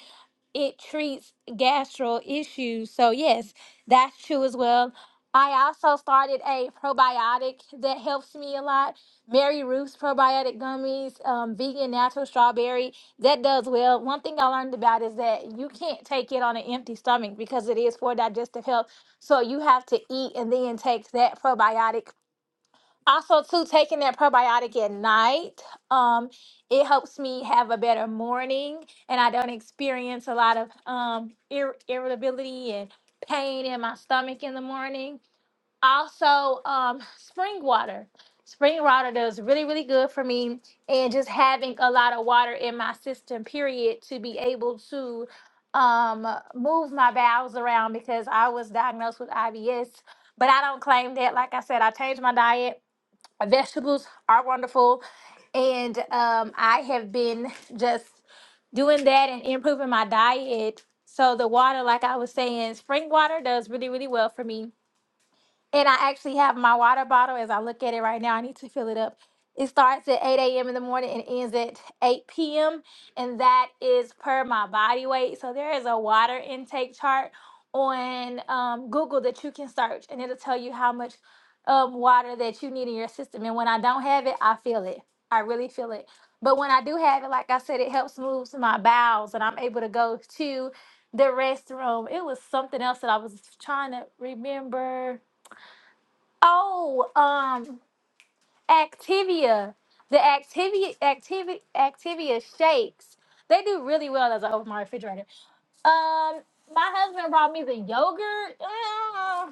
Speaker 4: it treats gastro issues. So, yes, that's true as well. I also started a probiotic that helps me a lot. Mary Ruth's probiotic gummies, um, vegan natural strawberry. That does well. One thing I learned about is that you can't take it on an empty stomach because it is for digestive health. So you have to eat and then take that probiotic also too taking that probiotic at night um it helps me have a better morning and i don't experience a lot of um ir- irritability and pain in my stomach in the morning also um spring water spring water does really really good for me and just having a lot of water in my system period to be able to um move my bowels around because i was diagnosed with ibs but i don't claim that like i said i changed my diet vegetables are wonderful. And um, I have been just doing that and improving my diet. So the water, like I was saying, spring water does really, really well for me and I actually have my water bottle as I look at it right now. I need to fill it up. It starts at 8 a.m. in the morning and ends at 8 p.m. And that is per my body weight. So there is a water intake chart on um, Google that you can search and it'll tell you how much um, water that you need in your system. And when I don't have it, I feel it. I really feel it. But when I do have it, like I said, it helps move my bowels and I'm able to go to the restroom. It was something else that I was trying to remember Oh, um, Activia, the Activia, Activia, Activia shakes. They do really well as I open my refrigerator. Um, my husband brought me the yogurt. Uh, I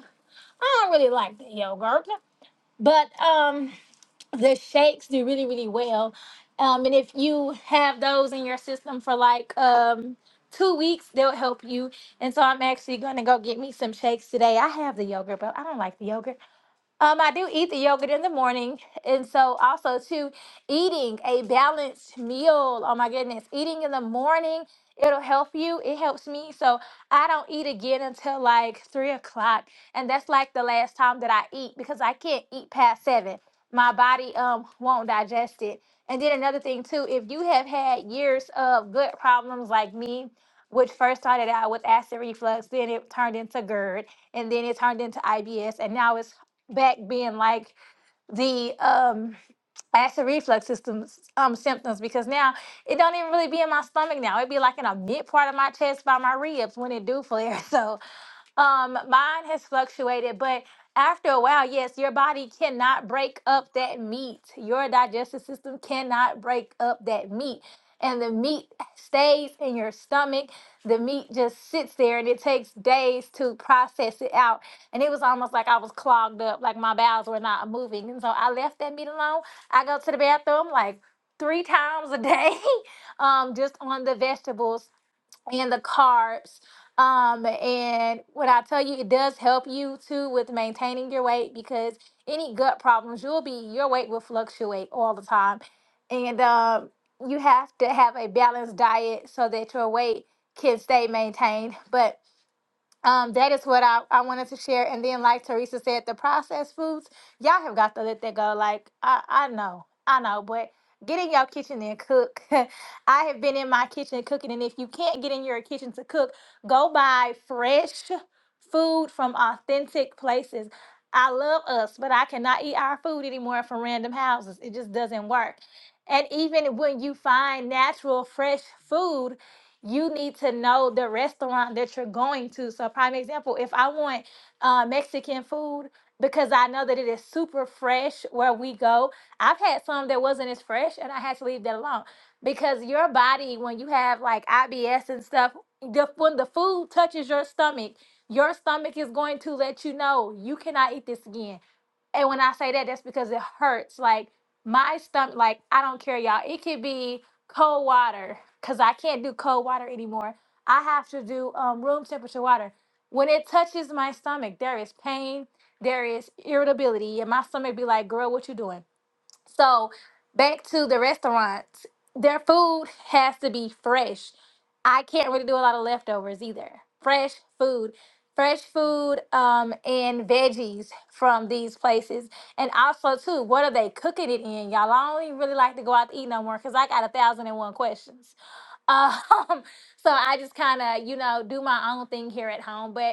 Speaker 4: don't really like the yogurt, but um, the shakes do really, really well. Um, and if you have those in your system for like um two weeks, they'll help you. And so I'm actually gonna go get me some shakes today. I have the yogurt, but I don't like the yogurt. Um, I do eat the yogurt in the morning, and so also too, eating a balanced meal. Oh my goodness, eating in the morning it'll help you. It helps me, so I don't eat again until like three o'clock, and that's like the last time that I eat because I can't eat past seven. My body um won't digest it. And then another thing too, if you have had years of gut problems like me, which first started out with acid reflux, then it turned into GERD and then it turned into IBS, and now it's back being like the um acid reflux system's um symptoms because now it don't even really be in my stomach now. It'd be like in a mid part of my chest by my ribs when it do flare. So um, mine has fluctuated, but after a while, yes, your body cannot break up that meat. Your digestive system cannot break up that meat. And the meat stays in your stomach. The meat just sits there and it takes days to process it out. And it was almost like I was clogged up, like my bowels were not moving. And so I left that meat alone. I go to the bathroom like three times a day, um, just on the vegetables and the carbs. Um, and when I tell you, it does help you too with maintaining your weight because any gut problems, you'll be your weight will fluctuate all the time, and um, you have to have a balanced diet so that your weight can stay maintained. But um, that is what I, I wanted to share. And then, like Teresa said, the processed foods, y'all have got to let that go. Like, I, I know, I know, but get in your kitchen and cook. I have been in my kitchen cooking. And if you can't get in your kitchen to cook, go buy fresh food from authentic places. I love us, but I cannot eat our food anymore from random houses. It just doesn't work. And even when you find natural, fresh food, you need to know the restaurant that you're going to. So, prime example, if I want uh, Mexican food because I know that it is super fresh where we go, I've had some that wasn't as fresh and I had to leave that alone because your body, when you have like IBS and stuff, the, when the food touches your stomach, your stomach is going to let you know you cannot eat this again and when I say that, that's because it hurts. Like my stomach, like I don't care, y'all. It could be cold water because I can't do cold water anymore. I have to do um, room temperature water. When it touches my stomach, there is pain, there is irritability, and my stomach be like, "Girl, what you doing?" So back to the restaurants, their food has to be fresh. I can't really do a lot of leftovers either. Fresh food, fresh food, um, and veggies from these places, and also too, what are they cooking it in? Y'all, I don't even really like to go out to eat no more because I got a thousand and one questions. Um, so I just kind of, you know, do my own thing here at home. But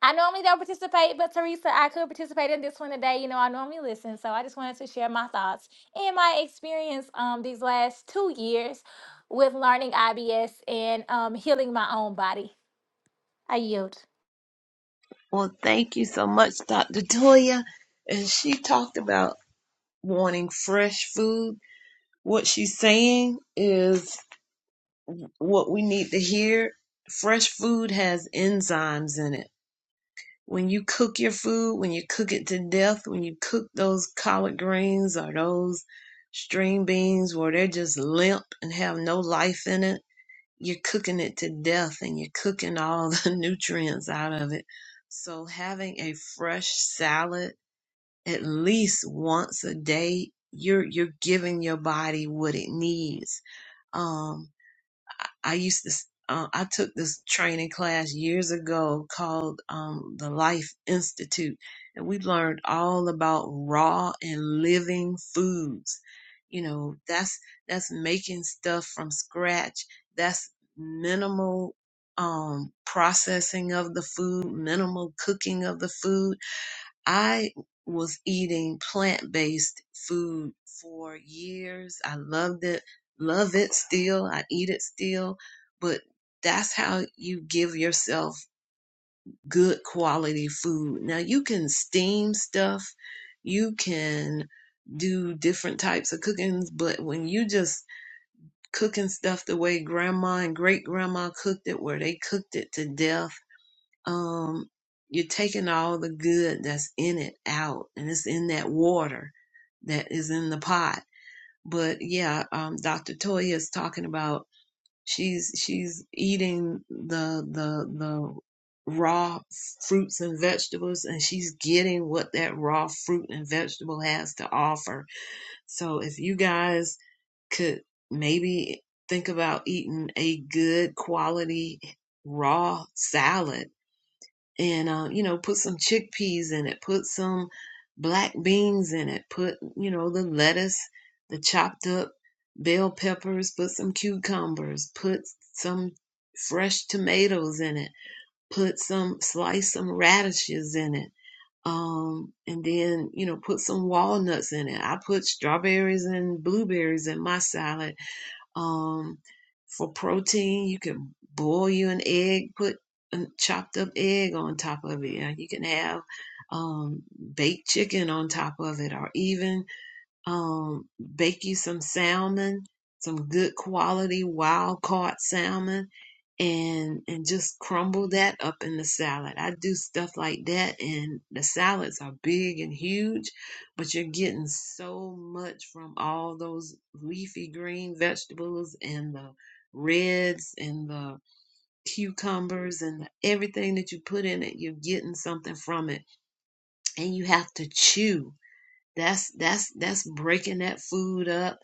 Speaker 4: I normally don't participate, but Teresa, I could participate in this one today. You know, I normally listen, so I just wanted to share my thoughts and my experience um these last two years with learning IBS and um healing my own body. I yield.
Speaker 1: Well, thank you so much, Dr. Toya. And she talked about wanting fresh food. What she's saying is what we need to hear. Fresh food has enzymes in it. When you cook your food, when you cook it to death, when you cook those collard greens or those string beans where they're just limp and have no life in it, you're cooking it to death and you're cooking all the nutrients out of it. So having a fresh salad at least once a day you're you're giving your body what it needs um i used to uh, i took this training class years ago called um the life institute and we learned all about raw and living foods you know that's that's making stuff from scratch that's minimal um processing of the food minimal cooking of the food I was eating plant-based food for years. I loved it, love it still. I eat it still, but that's how you give yourself good quality food. Now you can steam stuff, you can do different types of cookings, but when you just cooking stuff the way grandma and great grandma cooked it, where they cooked it to death um, you're taking all the good that's in it out, and it's in that water that is in the pot. But yeah, um, Dr. Toya is talking about she's she's eating the the the raw fruits and vegetables, and she's getting what that raw fruit and vegetable has to offer. So if you guys could maybe think about eating a good quality raw salad and uh, you know put some chickpeas in it put some black beans in it put you know the lettuce the chopped up bell peppers put some cucumbers put some fresh tomatoes in it put some slice some radishes in it um and then you know put some walnuts in it i put strawberries and blueberries in my salad um, for protein, you can boil you an egg, put a chopped up egg on top of it. Uh, You can have um, baked chicken on top of it, or even um, bake you some salmon, some good quality wild caught salmon, and and just crumble that up in the salad. I do stuff like that, and the salads are big and huge, but you're getting so much from all those leafy green vegetables and the reds and the cucumbers and everything that you put in it. You're getting something from it, and you have to chew that's that's that's breaking that food up.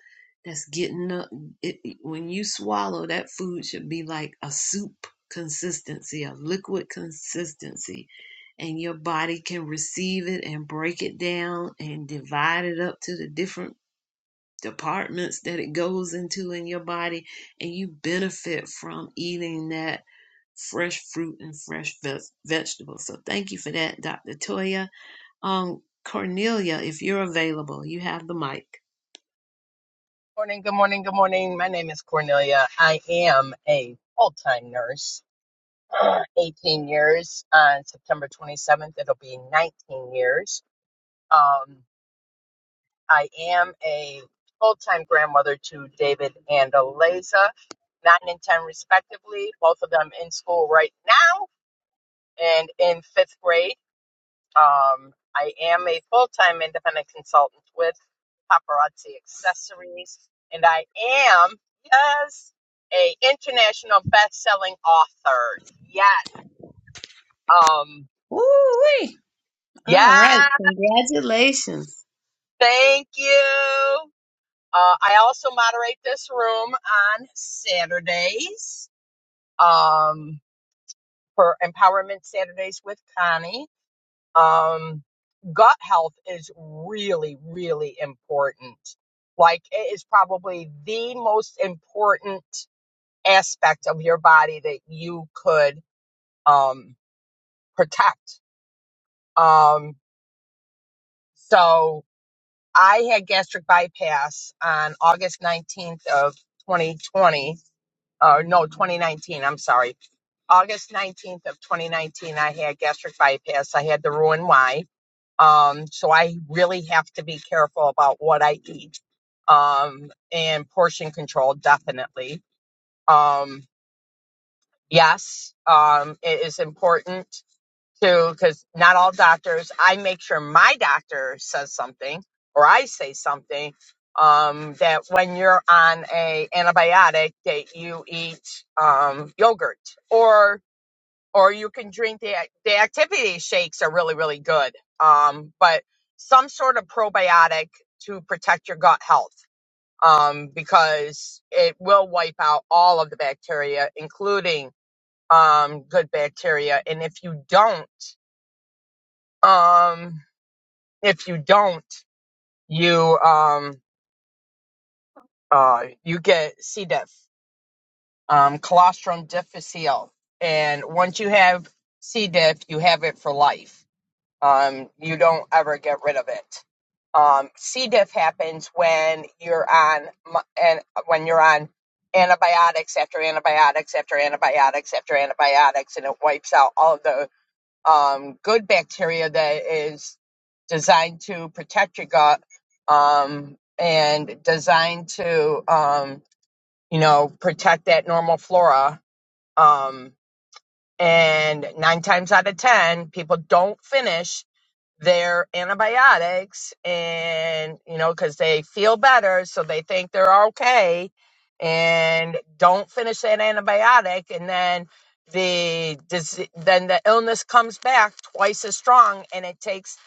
Speaker 1: That's getting up. It, it- when you swallow, that food should be like a soup consistency, a liquid consistency, and your body can receive it and break it down and divide it up to the different departments that it goes into in your body, and you benefit from eating that fresh fruit and fresh veg- vegetables. So thank you for that, Dr. Toya. Um, Cornelia, if you're available, you have the mic.
Speaker 2: Morning, good morning, good morning. My name is Cornelia. I am a full time nurse, 18 years. On September 27th, it'll be 19 years. Um, I am a full time grandmother to David and Eliza, 9 and 10 respectively, both of them in school right now and in fifth grade. Um, I am a full time independent consultant with Paparazzi Accessories, and I am yes a international best selling author. Yeah, um,
Speaker 1: Woo-wee.
Speaker 2: yeah,
Speaker 1: All right. Congratulations.
Speaker 2: thank you. Uh, I also moderate this room on Saturdays um, for Empowerment Saturdays with Connie. Um, gut health is really, really important. Like it is probably the most important aspect of your body that you could um, protect. Um, so I had gastric bypass on August 19th of 2020. Uh, no, 2019. I'm sorry. August 19th of 2019, I had gastric bypass. I had the Roux-en-Y Um, so I really have to be careful about what I eat. Um, and portion control, definitely. Um, yes, um, it is important to, because not all doctors, I make sure my doctor says something or I say something. Um, that when you're on a antibiotic that you eat um, yogurt or or you can drink the the activity shakes are really really good um but some sort of probiotic to protect your gut health um because it will wipe out all of the bacteria including um good bacteria and if you don't um if you don't you um uh you get C diff um colostrum difficile and once you have C diff you have it for life Um, you don't ever get rid of it. Um, C. diff happens when you're on and when you're on antibiotics after antibiotics after antibiotics after antibiotics, and it wipes out all of the um, good bacteria that is designed to protect your gut um, and designed to um, you know protect that normal flora um, and nine times out of ten people don't finish their antibiotics and you know because they feel better so they think they're okay and don't finish that antibiotic and then the dis- then the illness comes back twice as strong and it takes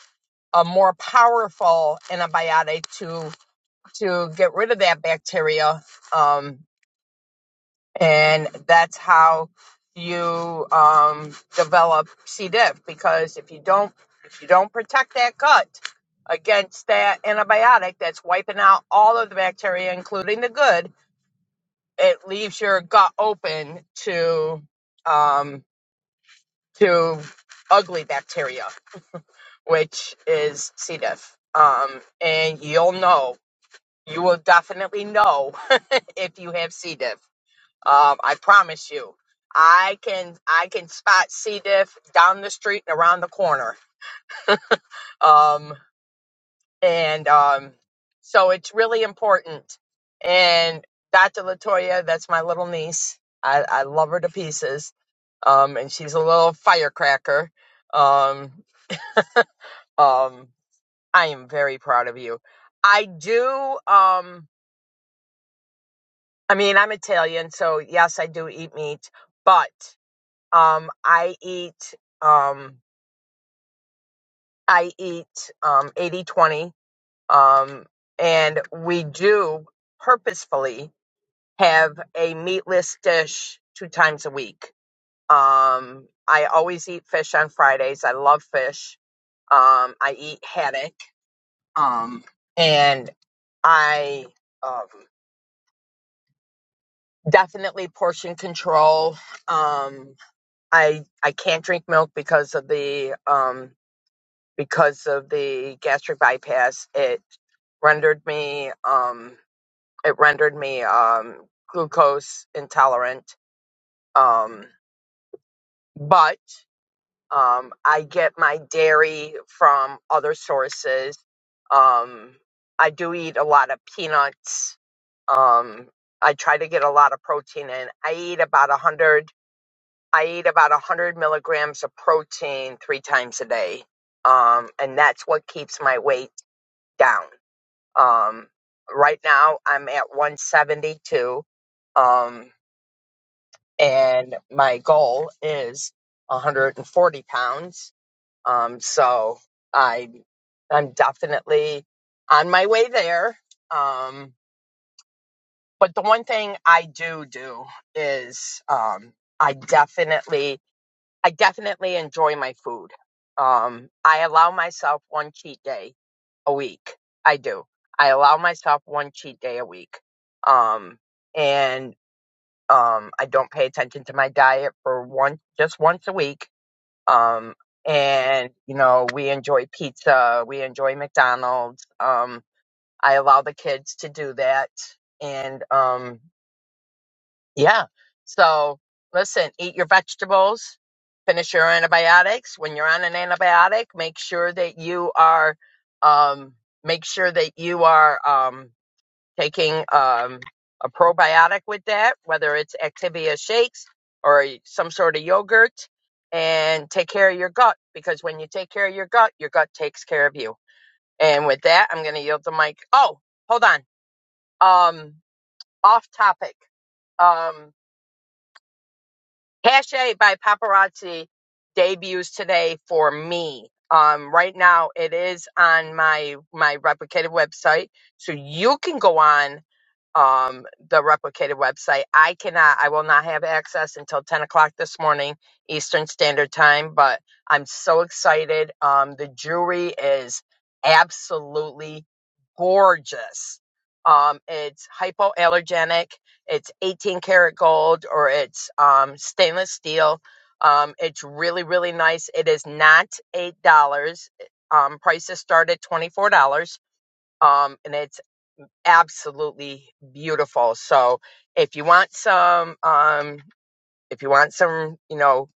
Speaker 2: a more powerful antibiotic to to get rid of that bacteria um, and that's how you um, develop C. diff. Because if you don't if you don't protect that gut against that antibiotic that's wiping out all of the bacteria, including the good, it leaves your gut open to um, to ugly bacteria, which is C. diff. Um, and you'll know. You will definitely know if you have C. diff Um, I promise you, I can I can spot C diff down the street and around the corner. Um, and um, so it's really important. And Dr. Latoya, that's my little niece. I, I love her to pieces. Um, and she's a little firecracker. Um, um, I am very proud of you. I do. Um, I mean, I'm Italian, so yes, I do eat meat, but um, I eat. Um, I eat um, 80 twenty, Um, and we do purposefully have a meatless dish two times a week. Um, I always eat fish on Fridays. I love fish. Um, I eat haddock. Um, and I um, definitely portion control. Um, I, I can't drink milk because of the um, because of the gastric bypass, it rendered me um it rendered me um glucose intolerant. Um but um I get my dairy from other sources. Um I do eat a lot of peanuts. Um I try to get a lot of protein in. I eat about a hundred I eat about a hundred milligrams of protein three times a day. Um and that's what keeps my weight down Um, right now, I'm at 172, um, and my goal is 140 pounds. Um, so I, I'm definitely on my way there. Um, but the one thing I do do is um, I definitely I definitely enjoy my food. Um, I allow myself one cheat day a week. I do. I allow myself one cheat day a week. Um, and um, I don't pay attention to my diet for one, just once a week. Um, and you know, we enjoy pizza. We enjoy McDonald's. Um, I allow the kids to do that. And, um, yeah. So listen, eat your vegetables, finish your antibiotics. When you're on an antibiotic, make sure that you are, um, make sure that you are, um, taking, um, a probiotic with that, whether it's Activia shakes or some sort of yogurt and take care of your gut because when you take care of your gut, your gut takes care of you. And with that, I'm going to yield the mic. Oh, hold on. Um, off topic. Um. Hashtag by Paparazzi debuts today for me. Um, right now it is on my my replicated website, so you can go on um the replicated website. I cannot, I will not have access until ten o'clock this morning Eastern Standard Time. But I'm so excited. Um, the jewelry is absolutely gorgeous. Um, it's hypoallergenic it's 18 karat gold or it's um, stainless steel. Um, it's really, really nice. It is not $8. Um, prices start at $24. Um, and it's absolutely beautiful. So if you want some, um, if you want some, you know,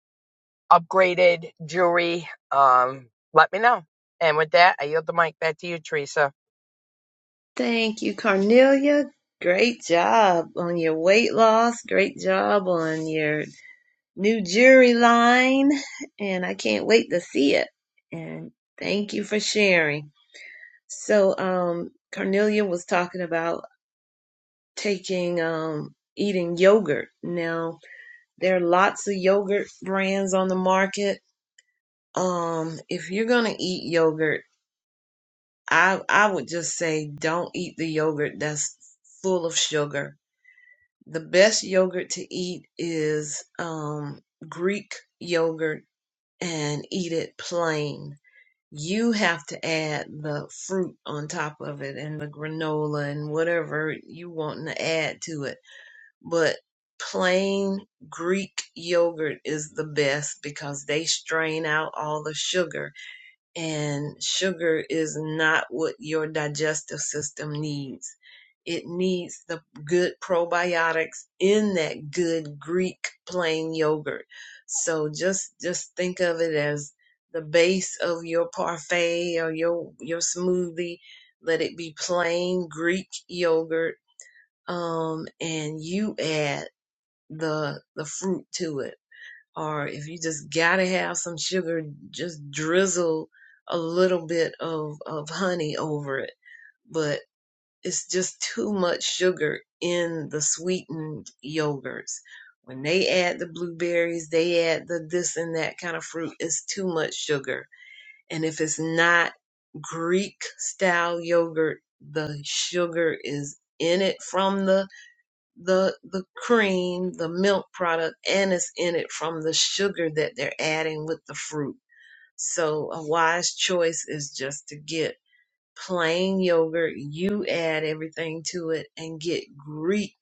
Speaker 2: upgraded jewelry, um, let me know. And with that, I yield the mic back to you, Teresa.
Speaker 1: Thank you, Cornelia. Great job on your weight loss. Great job on your new jewelry line. And I can't wait to see it. And thank you for sharing. So, um, Cornelia was talking about taking, um, eating yogurt. Now, there are lots of yogurt brands on the market Um, if you're gonna eat yogurt, I I would just say don't eat the yogurt that's full of sugar. The best yogurt to eat is um Greek yogurt and eat it plain. You have to add the fruit on top of it and the granola and whatever you want to add to it. But plain Greek yogurt is the best because they strain out all the sugar and sugar is not what your digestive system needs. It needs the good probiotics in that good Greek plain yogurt. So just just think of it as the base of your parfait or your your smoothie. Let it be plain Greek yogurt, um, and you add the the fruit to it or if you just gotta have some sugar, just drizzle a little bit of, of honey over it. But it's just too much sugar in the sweetened yogurts. When they add the blueberries, they add the this and that kind of fruit, it's too much sugar. And if it's not Greek style yogurt, the sugar is in it from the the the cream, the milk product, and it's in it from the sugar that they're adding with the fruit. So a wise choice is just to get plain yogurt. You add everything to it and get Greek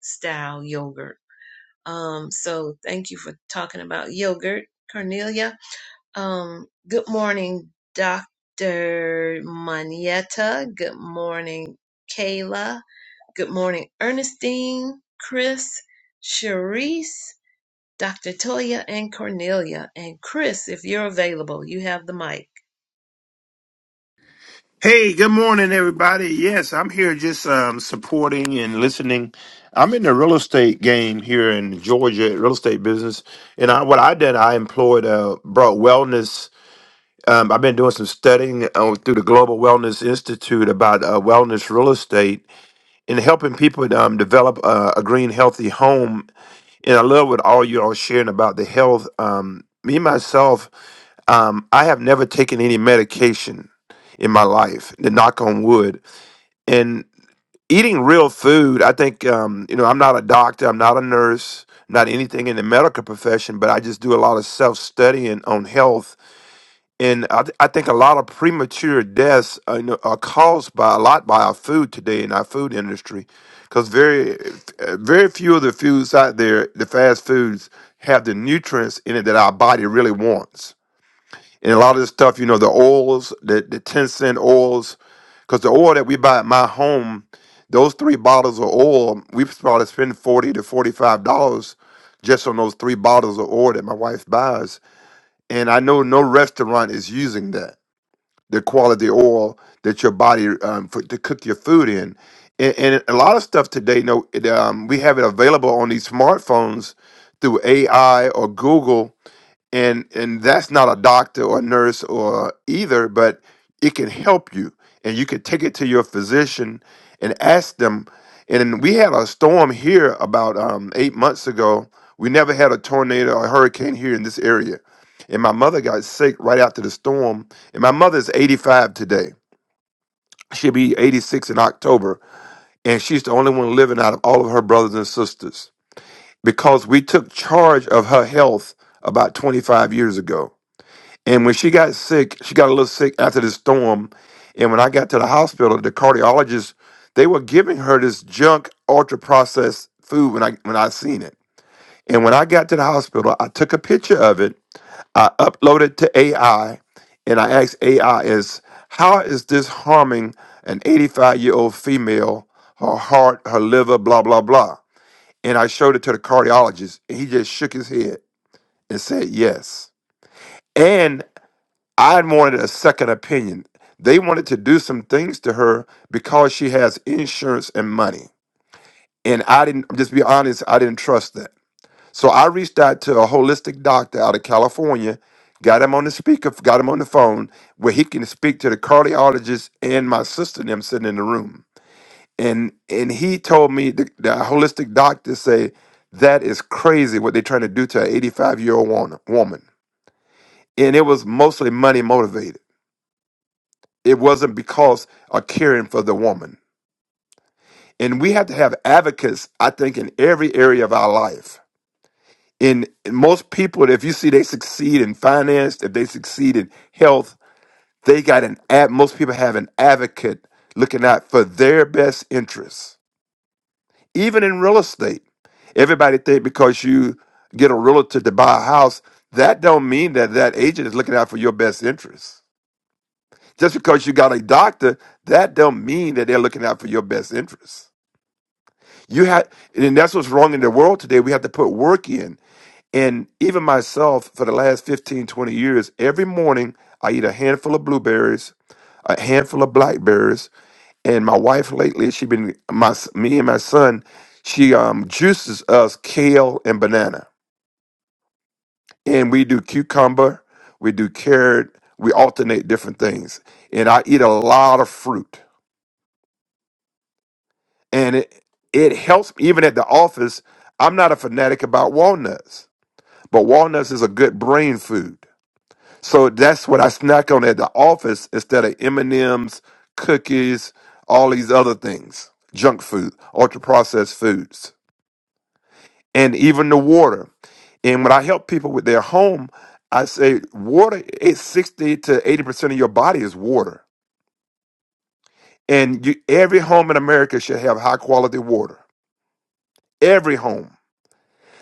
Speaker 1: style yogurt. Um, so thank you for talking about yogurt, Cornelia. Um, good morning, Doctor Manietta. Good morning, Kayla. Good morning, Ernestine, Chris, Cherise, Dr. Toya, and Cornelia. And Chris, if you're available, you have the mic.
Speaker 5: Hey, good morning, everybody. Yes, I'm here just um, supporting and listening. I'm in the real estate game here in Georgia, real estate business. And I, what I did, I employed, uh, brought wellness. Um, I've been doing some studying uh, through the Global Wellness Institute about uh, wellness real estate and helping people um, develop uh, a green, healthy home. And I love what all you all sharing about the health. Um, me myself, um, I have never taken any medication in my life. The knock on wood and eating real food i think um, you know i'm not a doctor i'm not a nurse not anything in the medical profession but i just do a lot of self-studying on health and i, th- I think a lot of premature deaths are, you know, are caused by a lot by our food today in our food industry because very uh, very few of the foods out there the fast foods have the nutrients in it that our body really wants and a lot of this stuff, you know, the oils, the, the 10 cent oils, because the oil that we buy at my home, those three bottles of oil, we probably spend 40 to $45 just on those three bottles of oil that my wife buys. And I know no restaurant is using that, the quality oil that your body, um, for, to cook your food in. And, and a lot of stuff today, you know, it, um, we have it available on these smartphones through AI or Google and and that's not a doctor or a nurse or either but it can help you and you can take it to your physician and ask them and we had a storm here about um, eight months ago we never had a tornado or hurricane here in this area and my mother got sick right after the storm and my mother's 85 today she'll be 86 in october and she's the only one living out of all of her brothers and sisters because we took charge of her health about 25 years ago and when she got sick, she got a little sick after the storm. And when I got to the hospital, the cardiologist, they were giving her this junk ultra processed food when I when I seen it. And when I got to the hospital, I took a picture of it. I uploaded to AI and I asked AI is how is this harming an 85 year old female, her heart, her liver, blah, blah, blah. And I showed it to the cardiologist and he just shook his head and said yes. I wanted a second opinion. They wanted to do some things to her because she has insurance and money. And I didn't, just be honest, I didn't trust that. So I reached out to a holistic doctor out of California, got him on the speaker, got him on the phone where he can speak to the cardiologist and my sister and them sitting in the room. And and he told me the, the holistic doctor say that is crazy what they're trying to do to an 85 year old woman. woman." And it was mostly money motivated. It wasn't because of caring for the woman. And we have to have advocates, I think, in every area of our life. In, in most people, if you see they succeed in finance, if they succeed in health, they got an ad. Most people have an advocate looking out for their best interests. Even in real estate, everybody think because you get a realtor to buy a house, that don't mean that that agent is looking out for your best interests. Just because you got a doctor, that don't mean that they're looking out for your best interests. You had, and that's what's wrong in the world today. We have to put work in. And even myself, for the last 15 20 years, every morning I eat a handful of blueberries, a handful of blackberries, and my wife lately, she been my me and my son, she um juices us kale and banana, and we do cucumber, we do carrot, we alternate different things, and I eat a lot of fruit, and it it helps me. even at the office. I'm not a fanatic about walnuts. But walnuts is a good brain food. So that's what I snack on at the office instead of M&Ms, cookies, all these other things, junk food, ultra processed foods, and even the water. And when I help people with their home, I say water It's 60 to 80% of your body is water. And you, every home in America should have high quality water. Every home.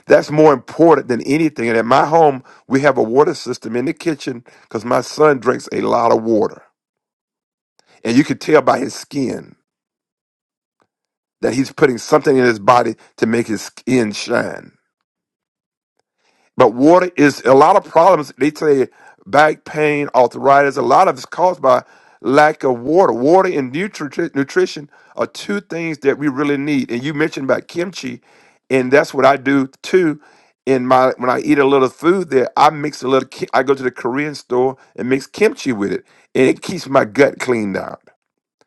Speaker 5: That's more important than anything. And at my home, we have a water system in the kitchen because my son drinks a lot of water. And you can tell by his skin that he's putting something in his body to make his skin shine. But water is a lot of problems. They say back pain, arthritis, a lot of it's caused by lack of water. Water and nutri- nutrition are two things that we really need. And you mentioned about kimchi, and that's what I do too. In my when I eat a little food there, I mix a little. ki- I go to the Korean store and mix kimchi with it, and it keeps my gut cleaned out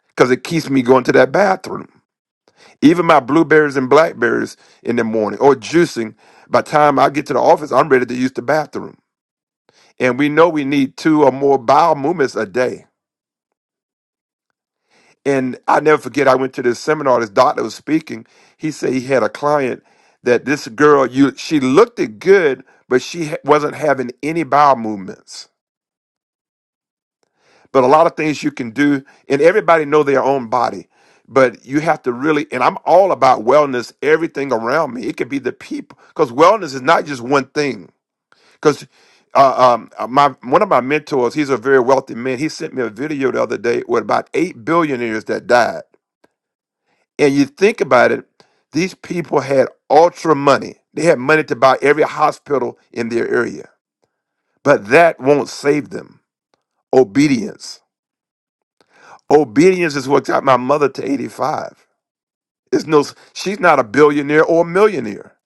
Speaker 5: because it keeps me going to that bathroom. Even my blueberries and blackberries in the morning or juicing, by the time I get to the office, I'm ready to use the bathroom. And we know we need two or more bowel movements a day. And I never forget, I went to this seminar, this doctor was speaking. He said he had a client that this girl, you, she looked it good, but she ha- wasn't having any bowel movements. but a lot of things you can do and everybody know their own body but you have to really and i'm all about wellness everything around me it could be the people because wellness is not just one thing because uh, um, uh, my one of my mentors he's a very wealthy man he sent me a video the other day with about eight billionaires that died and you think about it these people had ultra money they had money to buy every hospital in their area but that won't save them obedience Obedience is what got my mother to 85. It's no, she's not a billionaire or a millionaire.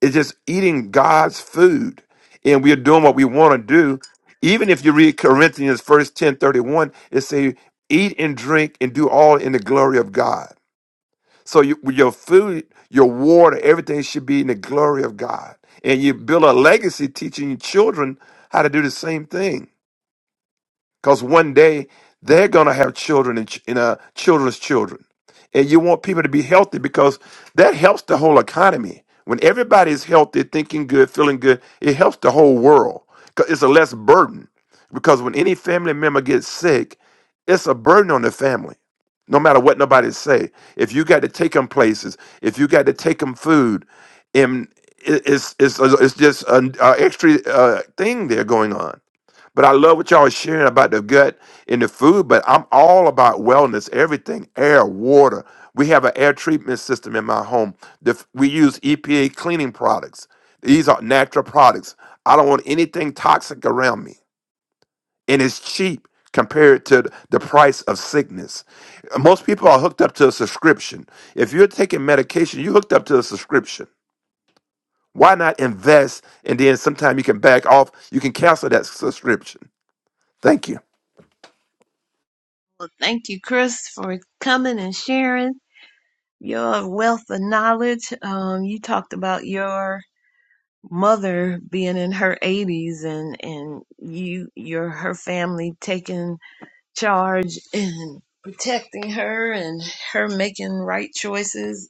Speaker 5: It's just eating God's food and we are doing what we want to do. Even if you read Corinthians first 10 31, it say, eat and drink and do all in the glory of God. So you, with your food, your water, everything should be in the glory of God. And you build a legacy teaching your children how to do the same thing. because one day they're going to have children and, ch- and uh, children's children and you want people to be healthy because that helps the whole economy when everybody is healthy thinking good feeling good it helps the whole world 'Cause it's a less burden because when any family member gets sick it's a burden on the family no matter what nobody say if you got to take them places if you got to take them food and it- it's, it's, it's just an uh, extra uh, thing there going on but I love what y'all are sharing about the gut and the food, but I'm all about wellness, everything, air, water. We have an air treatment system in my home. The we use EPA cleaning products. These are natural products. I don't want anything toxic around me. And it's cheap compared to the price of sickness. Most people are hooked up to a subscription. If you're taking medication, you're hooked up to a subscription. Why not invest and then sometime you can back off, you can cancel that subscription. Thank you.
Speaker 1: Well, thank you, Chris, for coming and sharing your wealth of knowledge. Um, you talked about your mother being in her 80s and and you your her family taking charge and protecting her and her making right choices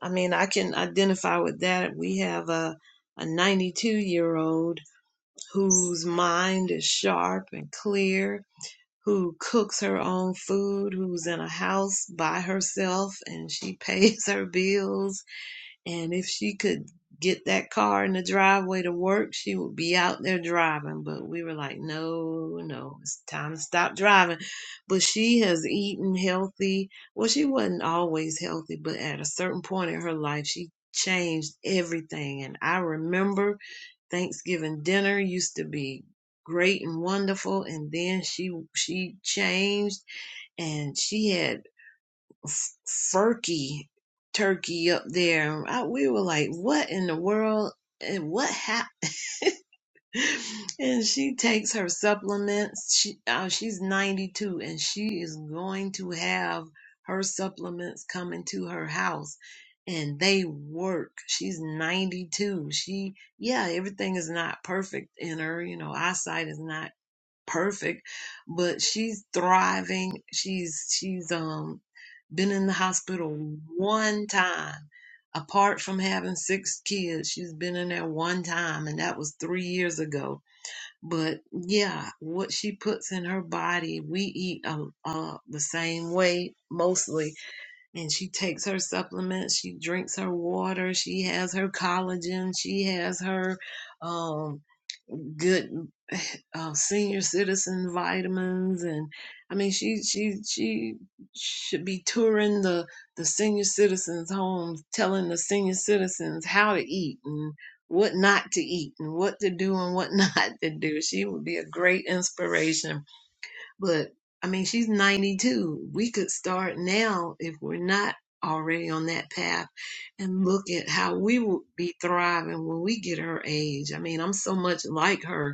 Speaker 1: I mean, I can identify with that. We have a a 92 year old whose mind is sharp and clear, who cooks her own food, who's in a house by herself and she pays her bills and if she could get that car in the driveway to work, she would be out there driving. But we were like, no, no, it's time to stop driving. But she has eaten healthy. Well, she wasn't always healthy, but at a certain point in her life, she changed everything. And I remember Thanksgiving dinner used to be great and wonderful and then she she changed and she had Ferky turkey up there. I, we were like, what in the world? And what happened? and she takes her supplements. She uh, she's 92 and she is going to have her supplements coming to her house and they work. She's 92. She yeah, everything is not perfect in her, you know, eyesight is not perfect, but she's thriving. She's she's um been in the hospital one time. Apart from having six kids, she's been in there one time, and that was three years ago. But yeah, what she puts in her body, we eat um, uh, the same way mostly. And she takes her supplements, she drinks her water, she has her collagen, she has her um good uh, senior citizen vitamins and i mean she she she should be touring the the senior citizens homes telling the senior citizens how to eat and what not to eat and what to do and what not to do she would be a great inspiration but i mean she's 92 we could start now if we're not already on that path and look at how we would be thriving when we get her age i mean i'm so much like her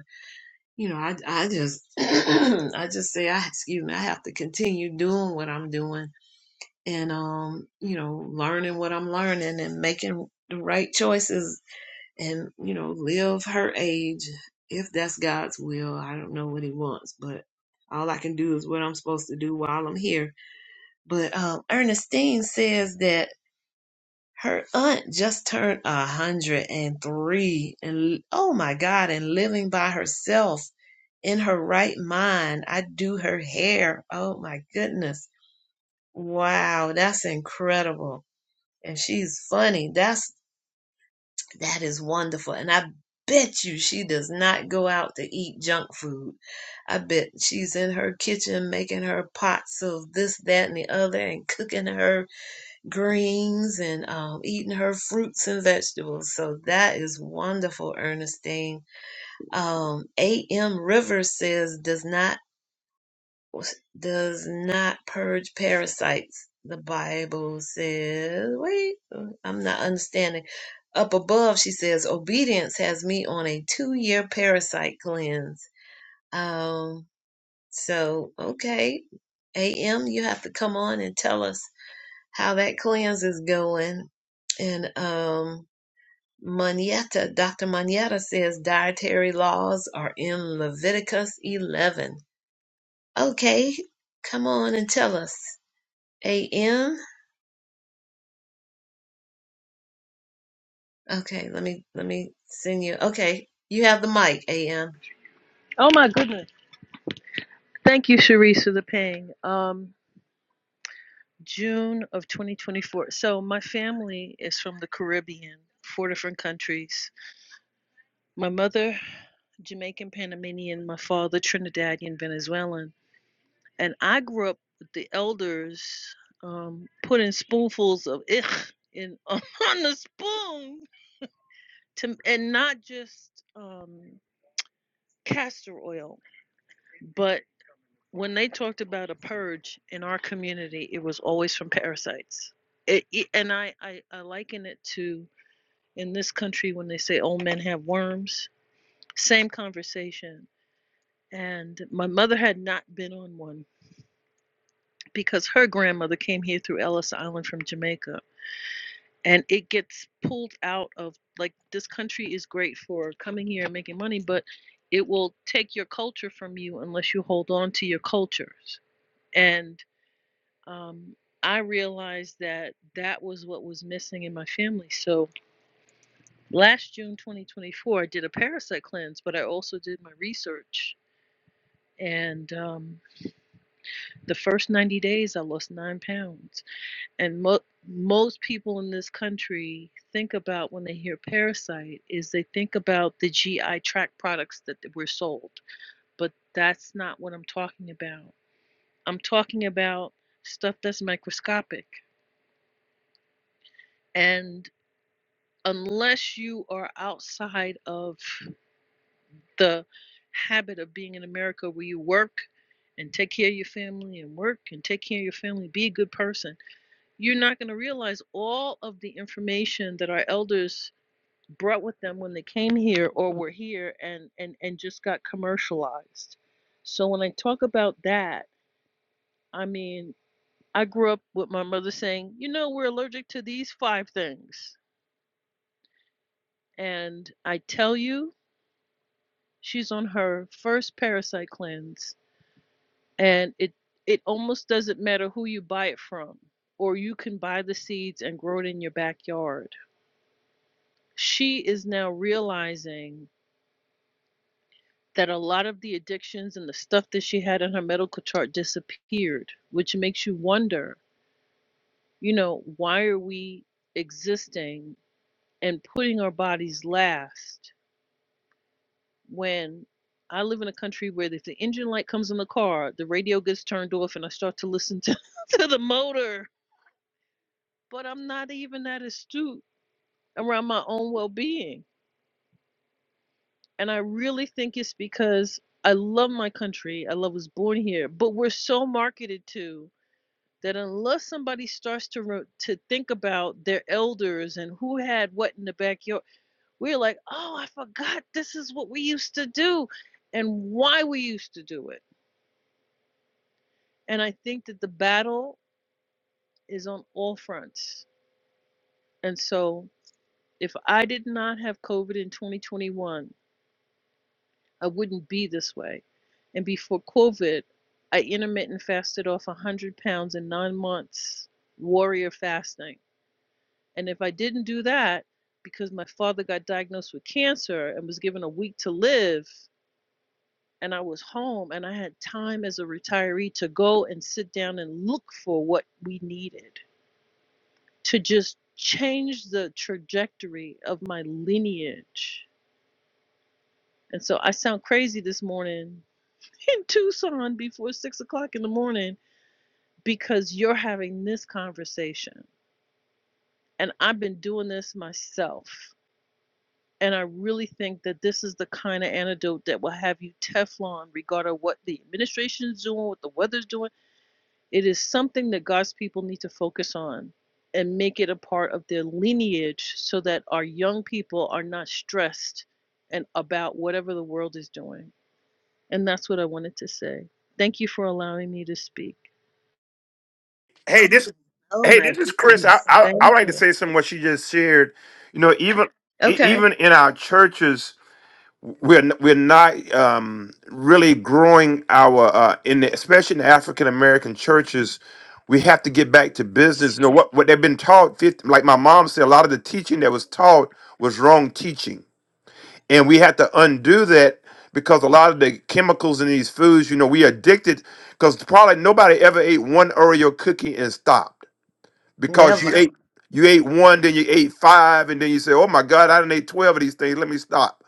Speaker 1: you know, I I just I just say I excuse me, I have to continue doing what I'm doing and um, you know, learning what I'm learning and making the right choices and, you know, live her age if that's God's will. I don't know what he wants, but all I can do is what I'm supposed to do while I'm here. But um Ernestine says that her aunt just turned a hundred and three, and oh my God, and living by herself in her right mind. I do her hair. Oh my goodness. Wow, that's incredible. And she's funny. That's that is wonderful. And I bet you she does not go out to eat junk food. I bet she's in her kitchen making her pots of this, that, and the other and cooking her greens and um, eating her fruits and vegetables. So that is wonderful, Ernestine. Um, A.M. Rivers says does not does not purge parasites. The Bible says. Wait, I'm not understanding. Up above, she says obedience has me on a two year parasite cleanse. Um. So okay, A.M. You have to come on and tell us how that cleanse is going. And um, Manietta, Dr. Manietta says dietary laws are in Leviticus 11. Okay, come on and tell us. A.M. Okay, let me let me send you. Okay, you have the mic, A.M.
Speaker 6: Oh my goodness. Thank you, Sharisa the Ping. Um, June of 2024. So my family is from the Caribbean, four different countries. My mother, Jamaican Panamanian, my father, Trinidadian Venezuelan. And I grew up with the elders um, putting spoonfuls of ich in on the spoon to, and not just um, castor oil, but when they talked about a purge in our community, it was always from parasites. It, it- and I, I, I liken it to in this country when they say old men have worms, same conversation. And my mother had not been on one because her grandmother came here through Ellis Island from Jamaica. And it gets pulled out of like this country is great for coming here and making money, but it will take your culture from you unless you hold on to your cultures. And um, I realized that that was what was missing in my family. So last June 2024, I did a parasite cleanse, but I also did my research. And um, the first 90 days, I lost nine pounds. And mo- most people in this country think about when they hear parasite is they think about the GI tract products that were sold, but that's not what I'm talking about. I'm talking about stuff that's microscopic. And unless you are outside of the habit of being in America where you work and take care of your family and work and take care of your family, be a good person, you're not going to realize all of the information that our elders brought with them when they came here or were here and and and just got commercialized. So when I talk about that, I mean, I grew up with my mother saying, "You know, we're allergic to these five things." And I tell you, She's on her first parasite cleanse, and it it almost doesn't matter who you buy it from, or you can buy the seeds and grow it in your backyard. She is now realizing that a lot of the addictions and the stuff that she had on her medical chart disappeared, which makes you wonder, you know, why are we existing and putting our bodies last? when I live in a country where if the engine light comes in the car, the radio gets turned off and I start to listen to, to the motor. But I'm not even that astute around my own well being. And I really think it's because I love my country. I love was born here, but we're so marketed to that unless somebody starts to re- to think about their elders and who had what in the backyard, we're like, oh, I forgot this is what we used to do, and why we used to do it And I think that the battle is on all fronts. And so if I did not have COVID in 2021, I wouldn't be this way. And before COVID, I intermittent fasted off 100 pounds in nine months, warrior fasting. And if I didn't do that, because my father got diagnosed with cancer and was given a week to live, and I was home and I had time as a retiree to go and sit down and look for what we needed to just change the trajectory of my lineage. And so I sound crazy this morning in Tucson before six o'clock in the morning because you're having this conversation. And I've been doing this myself. And I really think that this is the kind of antidote that will have you Teflon, regardless of what the administration is doing, what the weather's doing. It is something that God's people need to focus on and make it a part of their lineage so that our young people are not stressed and about whatever the world is doing. And that's what I wanted to say. Thank you for allowing me to speak.
Speaker 5: Hey,
Speaker 1: Oh my goodness, thank you.
Speaker 5: You know, even e-
Speaker 1: Okay,
Speaker 5: even in our churches, we're n- we're not um, really growing our uh, in the, especially in the African American churches. We have to get back to business. You know what what they've been taught. 50, like my mom said, a lot of the teaching that was taught was wrong teaching, and we had to undo that because a lot of the chemicals in these foods. You know, we addicted because probably nobody ever ate one Oreo cookie and stopped because you
Speaker 1: never.
Speaker 5: ate you ate one, then you ate five, and then you say, "Oh my God, I done ate twelve of these things. Let me stop."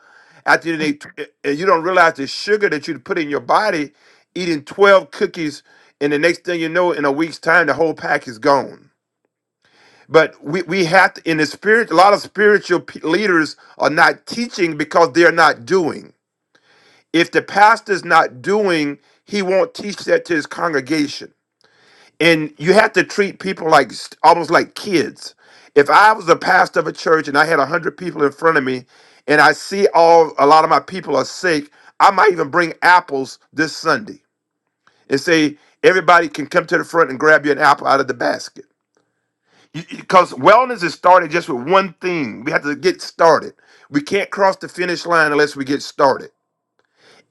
Speaker 5: After you done ate, tw- and you don't realize the sugar that you put in your body, eating twelve cookies, and the next thing you know, in a week's time, the whole pack is gone. But we, we have to, in the spirit, a lot of spiritual p- leaders are not teaching because they're not doing. If the pastor's not doing, he won't teach that to his congregation and you have to treat people like almost like kids if i was a pastor of a church and i had 100 people in front of me and i see all a lot of my people are sick i might even bring apples this sunday and say everybody can come to the front and grab you an apple out of the basket because wellness is started just with one thing we have to get started we can't cross the finish line unless we get started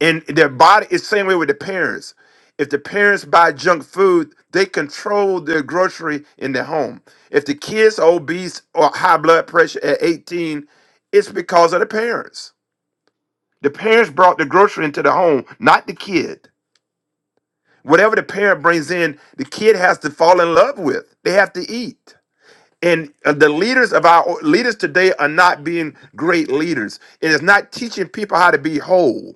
Speaker 5: and their body is same way with the parents if the parents buy junk food they control their grocery in their home if the kids are obese or high blood pressure at 18 it's because of the parents the parents brought the grocery into the home not the kid whatever the parent brings in the kid has to fall in love with they have to eat and uh, the leaders of our leaders today are not being great leaders it is not teaching people how to be whole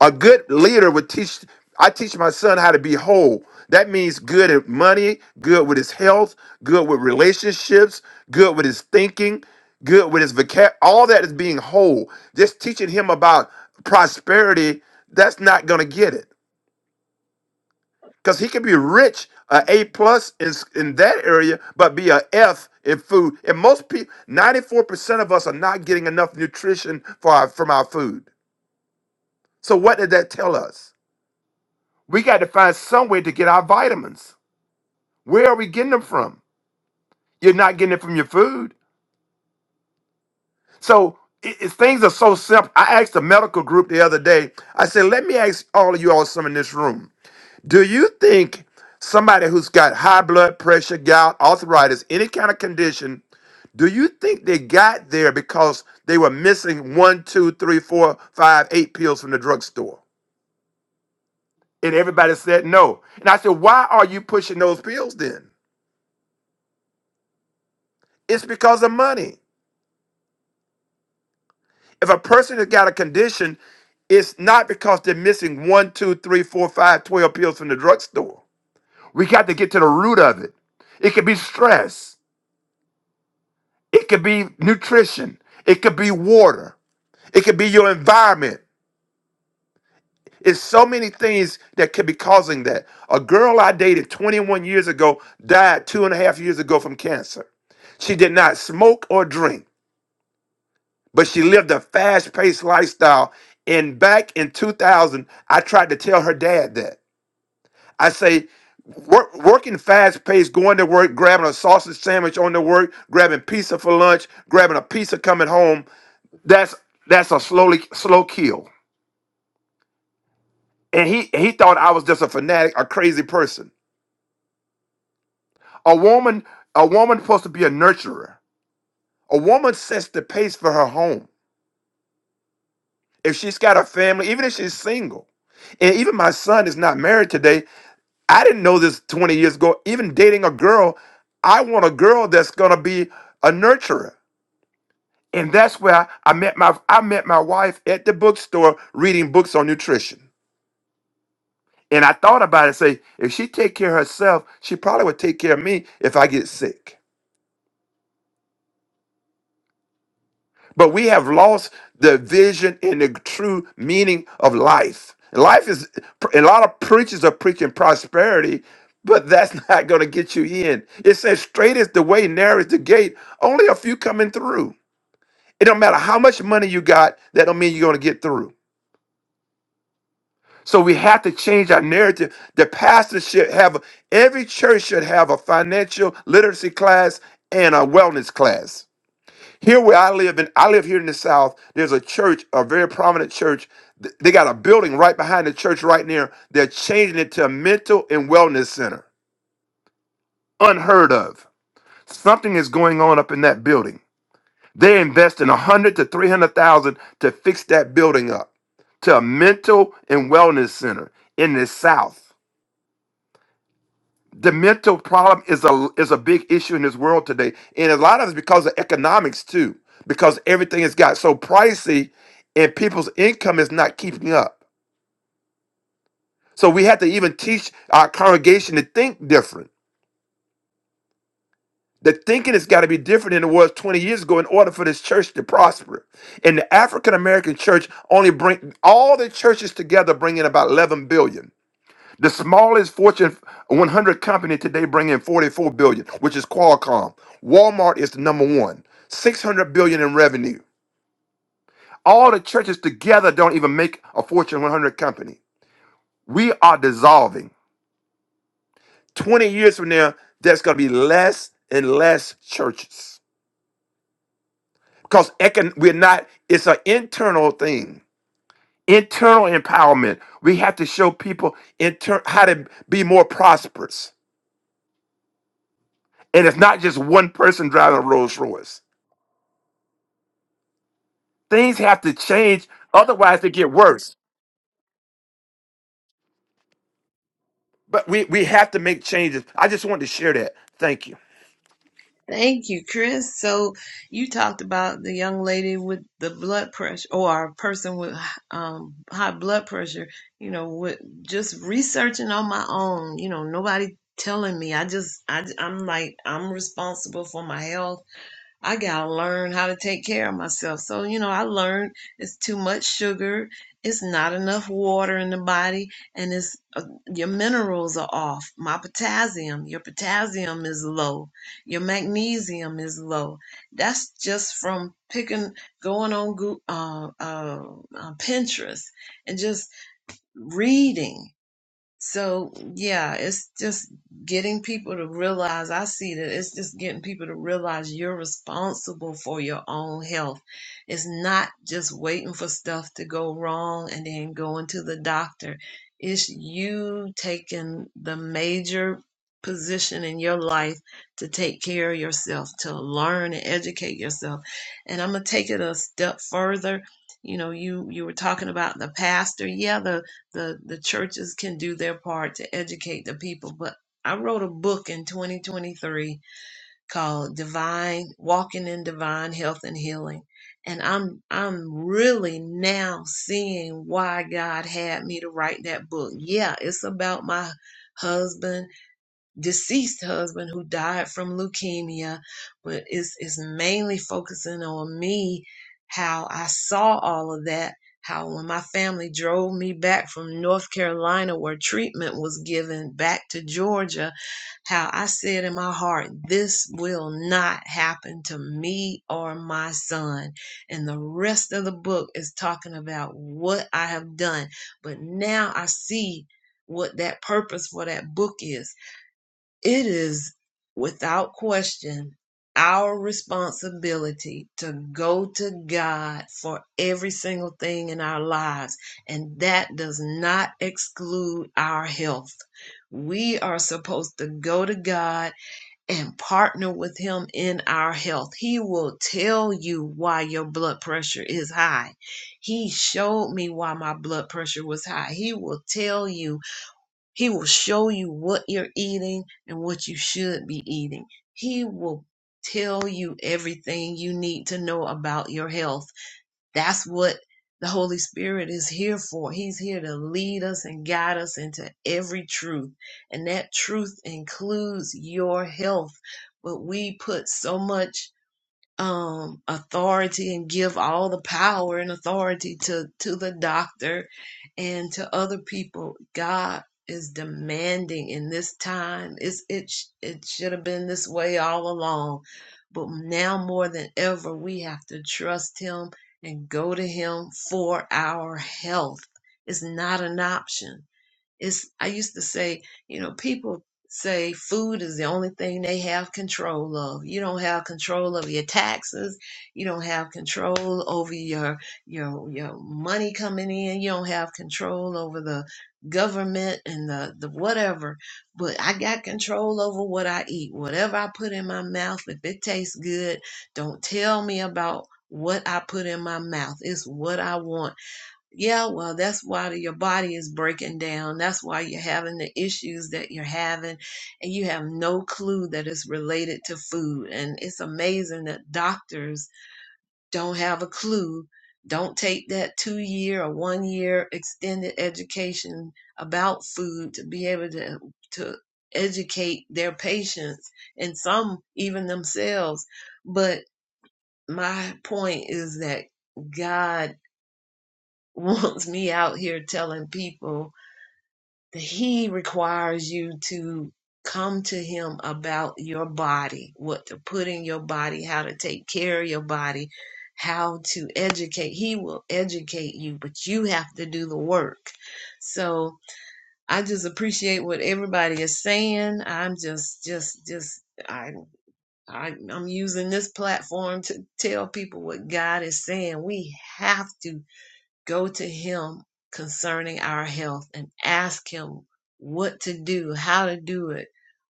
Speaker 5: a good leader would teach. I teach my son how to be whole. That means good at money, good with his health, good with relationships, good with his thinking, good with his vocab. All that is being whole. Just teaching him about prosperity. That's not going to get it because he can be rich, a A plus in s- in that area, but be a F in food. And most people, ninety four percent of us are not getting enough nutrition for our, from our food. So what did that tell us? We got to find some way to get our vitamins. Where are we getting them from? You're not getting it from your food. So it, it- things are so simple. I asked a medical group the other day, I said, let me ask all of you all some in this room. Do you think somebody who's got high blood pressure, gout, arthritis, any kind of condition, do you think they got there because they were missing one, two, three, four, five, eight pills from the drugstore? And everybody said no. And I said, why are you pushing those pills then? It's because of money. If a person has got a condition, it's not because they're missing one, two, three, four, five, twelve pills from the drugstore. We got to get to the root of it. It could be stress, it could be nutrition, it could be water, it could be your environment. It's so many things that could be causing that. A girl I dated 21 years ago died two and a half years ago from cancer. She did not smoke or drink. but she lived a fast paced lifestyle. And back in 2000, I tried to tell her dad that. I say, work, working fast paced, going to work, grabbing a sausage sandwich on the work, grabbing pizza for lunch, grabbing a pizza coming home, that's that's a slowly slow kill. And he he thought I was just a fanatic, a crazy person. A woman, a woman supposed to be a nurturer. A woman sets the pace for her home. If she's got a family, even if she's single, and even my son is not married today, I didn't know this 20 years ago. Even dating a girl, I want a girl that's gonna be a nurturer. And that's where I I met my I met my wife at the bookstore reading books on nutrition. And I thought about it, say, if she take care of herself, she probably would take care of me if I get sick. But we have lost the vision and the true meaning of life. Life is a lot of preachers are preaching prosperity, but that's not going to get you in. It says, "Straight is the way, narrow is the gate; only a few coming through." It don't matter how much money you got; that don't mean you're going to get through. So we have to change our narrative. The pastor should have every church should have a financial literacy class and a wellness class Here where I live, in I live here in the South, there's a church, a very prominent church. Th- They got a building right behind the church right near. They're changing it to a mental and wellness center. Unheard of. Something is going on up in that building. They're investing a hundred to three hundred thousand to fix that building up to a mental and wellness center in the South. the mental problem is a is a big issue in this world today, and a lot of it's because of economics too, because everything has got so pricey, and people's income is not keeping up. So we have to even teach our congregation to think different. The thinking has got to be different than it was 20 years ago in order for this church to prosper. And the African American church only bring all the churches together bring in about 11 billion. The smallest Fortune 100 company today bring in 44 billion, which is Qualcomm. Walmart is the number one, 600 billion in revenue. All the churches together don't even make a Fortune 100 company. We are dissolving. 20 years from now, there's going to be less and less churches because econ- we're not. It's an internal thing. Internal empowerment. We have to show people inter- how to be more prosperous. And it's not just one person driving a Rolls Royce. things have to change, otherwise they get worse. But we we have to make changes. I just wanted to share that. Thank you.
Speaker 1: Thank you, Chris. So you talked about the young lady with the blood pressure or a person with um, high blood pressure, you know, with just researching on my own, you know, nobody telling me. I just, I, I'm like, I'm responsible for my health I gotta learn how to take care of myself. So, you know, I learned it's too much sugar, it's not enough water in the body, and it's uh, your minerals are off. My potassium, your potassium is low, your magnesium is low. That's just from picking, going on Goo- uh, uh, uh, Pinterest and just reading so yeah, it's just getting people to realize. I see that it's just getting people to realize you're responsible for your own health. It's not just waiting for stuff to go wrong and then going to the doctor. It's you taking the major position in your life to take care of yourself, to learn and educate yourself. And I'm gonna take it a step further. You know, you you were talking about the pastor. Yeah, the the churches can do their part to educate the people but i wrote a book in 2023 called divine walking in divine health and healing and i'm i'm really now seeing why god had me to write that book yeah it's about my husband deceased husband who died from leukemia but it's, it's mainly focusing on me how i saw all of that how when my family drove me back from north carolina where treatment was given back to georgia how i said in my heart this will not happen to me or my son and the rest of the book is talking about what i have done but now i see what that purpose for that book is it is without question our responsibility to go to God for every single thing in our lives, and that does not exclude our health. We are supposed to go to God and partner with Him in our health. He will tell you why your blood pressure is high. He showed me why my blood pressure was high. He will tell you he will show you what you're eating and what you should be eating. He will tell you everything you need to know about your health. That's what the Holy Spirit is here for. He's here to lead us and guide us into every truth. And that truth includes your health. But we put so much um, authority and give all the power and authority to, to the doctor and to other people. God is demanding in this time. It's, it, sh- it should have been this way all along. But now more than ever, we have to trust Him and go to Him for our health. It's not an option. It's I used to say, you know, people say food is the only thing they have control of. You don't have control of your taxes. You don't have control over your your your money coming in. You don't have control over the government and the, the whatever. But I got control over what I eat. Whatever I put in my mouth, if it tastes good, don't tell me about what I put in my mouth. It's what I want yeah, well, that's why your body is breaking down. That's why you're having the issues that you're having, and you have no clue that it's related to food. And it's amazing that doctors don't have a clue, don't take that two year or one year extended education about food to be able to, to educate their patients and some even themselves. But my point is that. God wants me out here telling people that he requires you to come to him about your body, what to put in your body, how to take care of your body, how to educate. He will educate you, but you have to do the work. So I just appreciate what everybody is saying. I'm just, just, just. I, I I'm using this platform to tell people what God is saying. We have to Go to Him concerning our health and ask Him what to do, how to do it,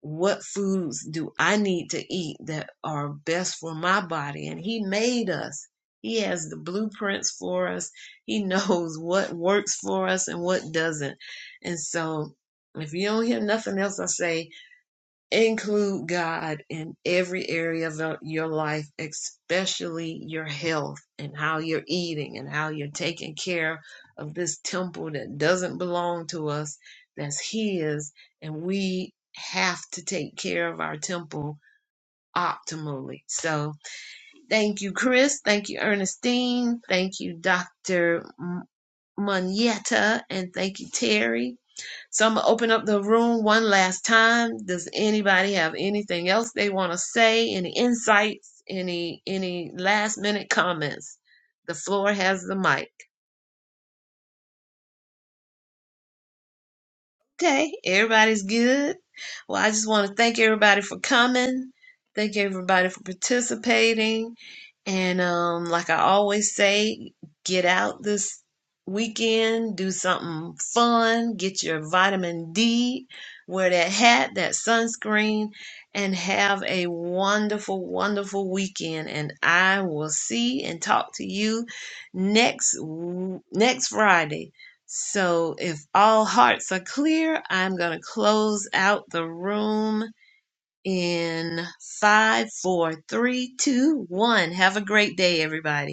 Speaker 1: what foods do I need to eat that are best for my body? And He made us. He has the blueprints for us. He knows what works for us and what doesn't. And so, if you don't hear nothing else I say, Include God in every area of the- your life, especially your health and how you're eating and how you're taking care of this temple that doesn't belong to us, that's His, and we have to take care of our temple optimally. So, thank you, Chris. Thank you, Ernestine. Thank you, Dr. M- Munietta. And thank you, Terry. So I'm gonna open up the room one last time. Does anybody have anything else they want to say? Any insights? Any any last minute comments? The floor has the mic. Okay, everybody's good. Well, I just want to thank everybody for coming. Thank everybody for participating. And um, like I always say, get out this weekend, do something fun, get your vitamin D, wear that hat, that sunscreen, and have a wonderful, wonderful weekend. And I will see and talk to you next w- next Friday. So, if all hearts are clear, I'm going to close out the room in five, four, three, two, one. Have a great day, everybody.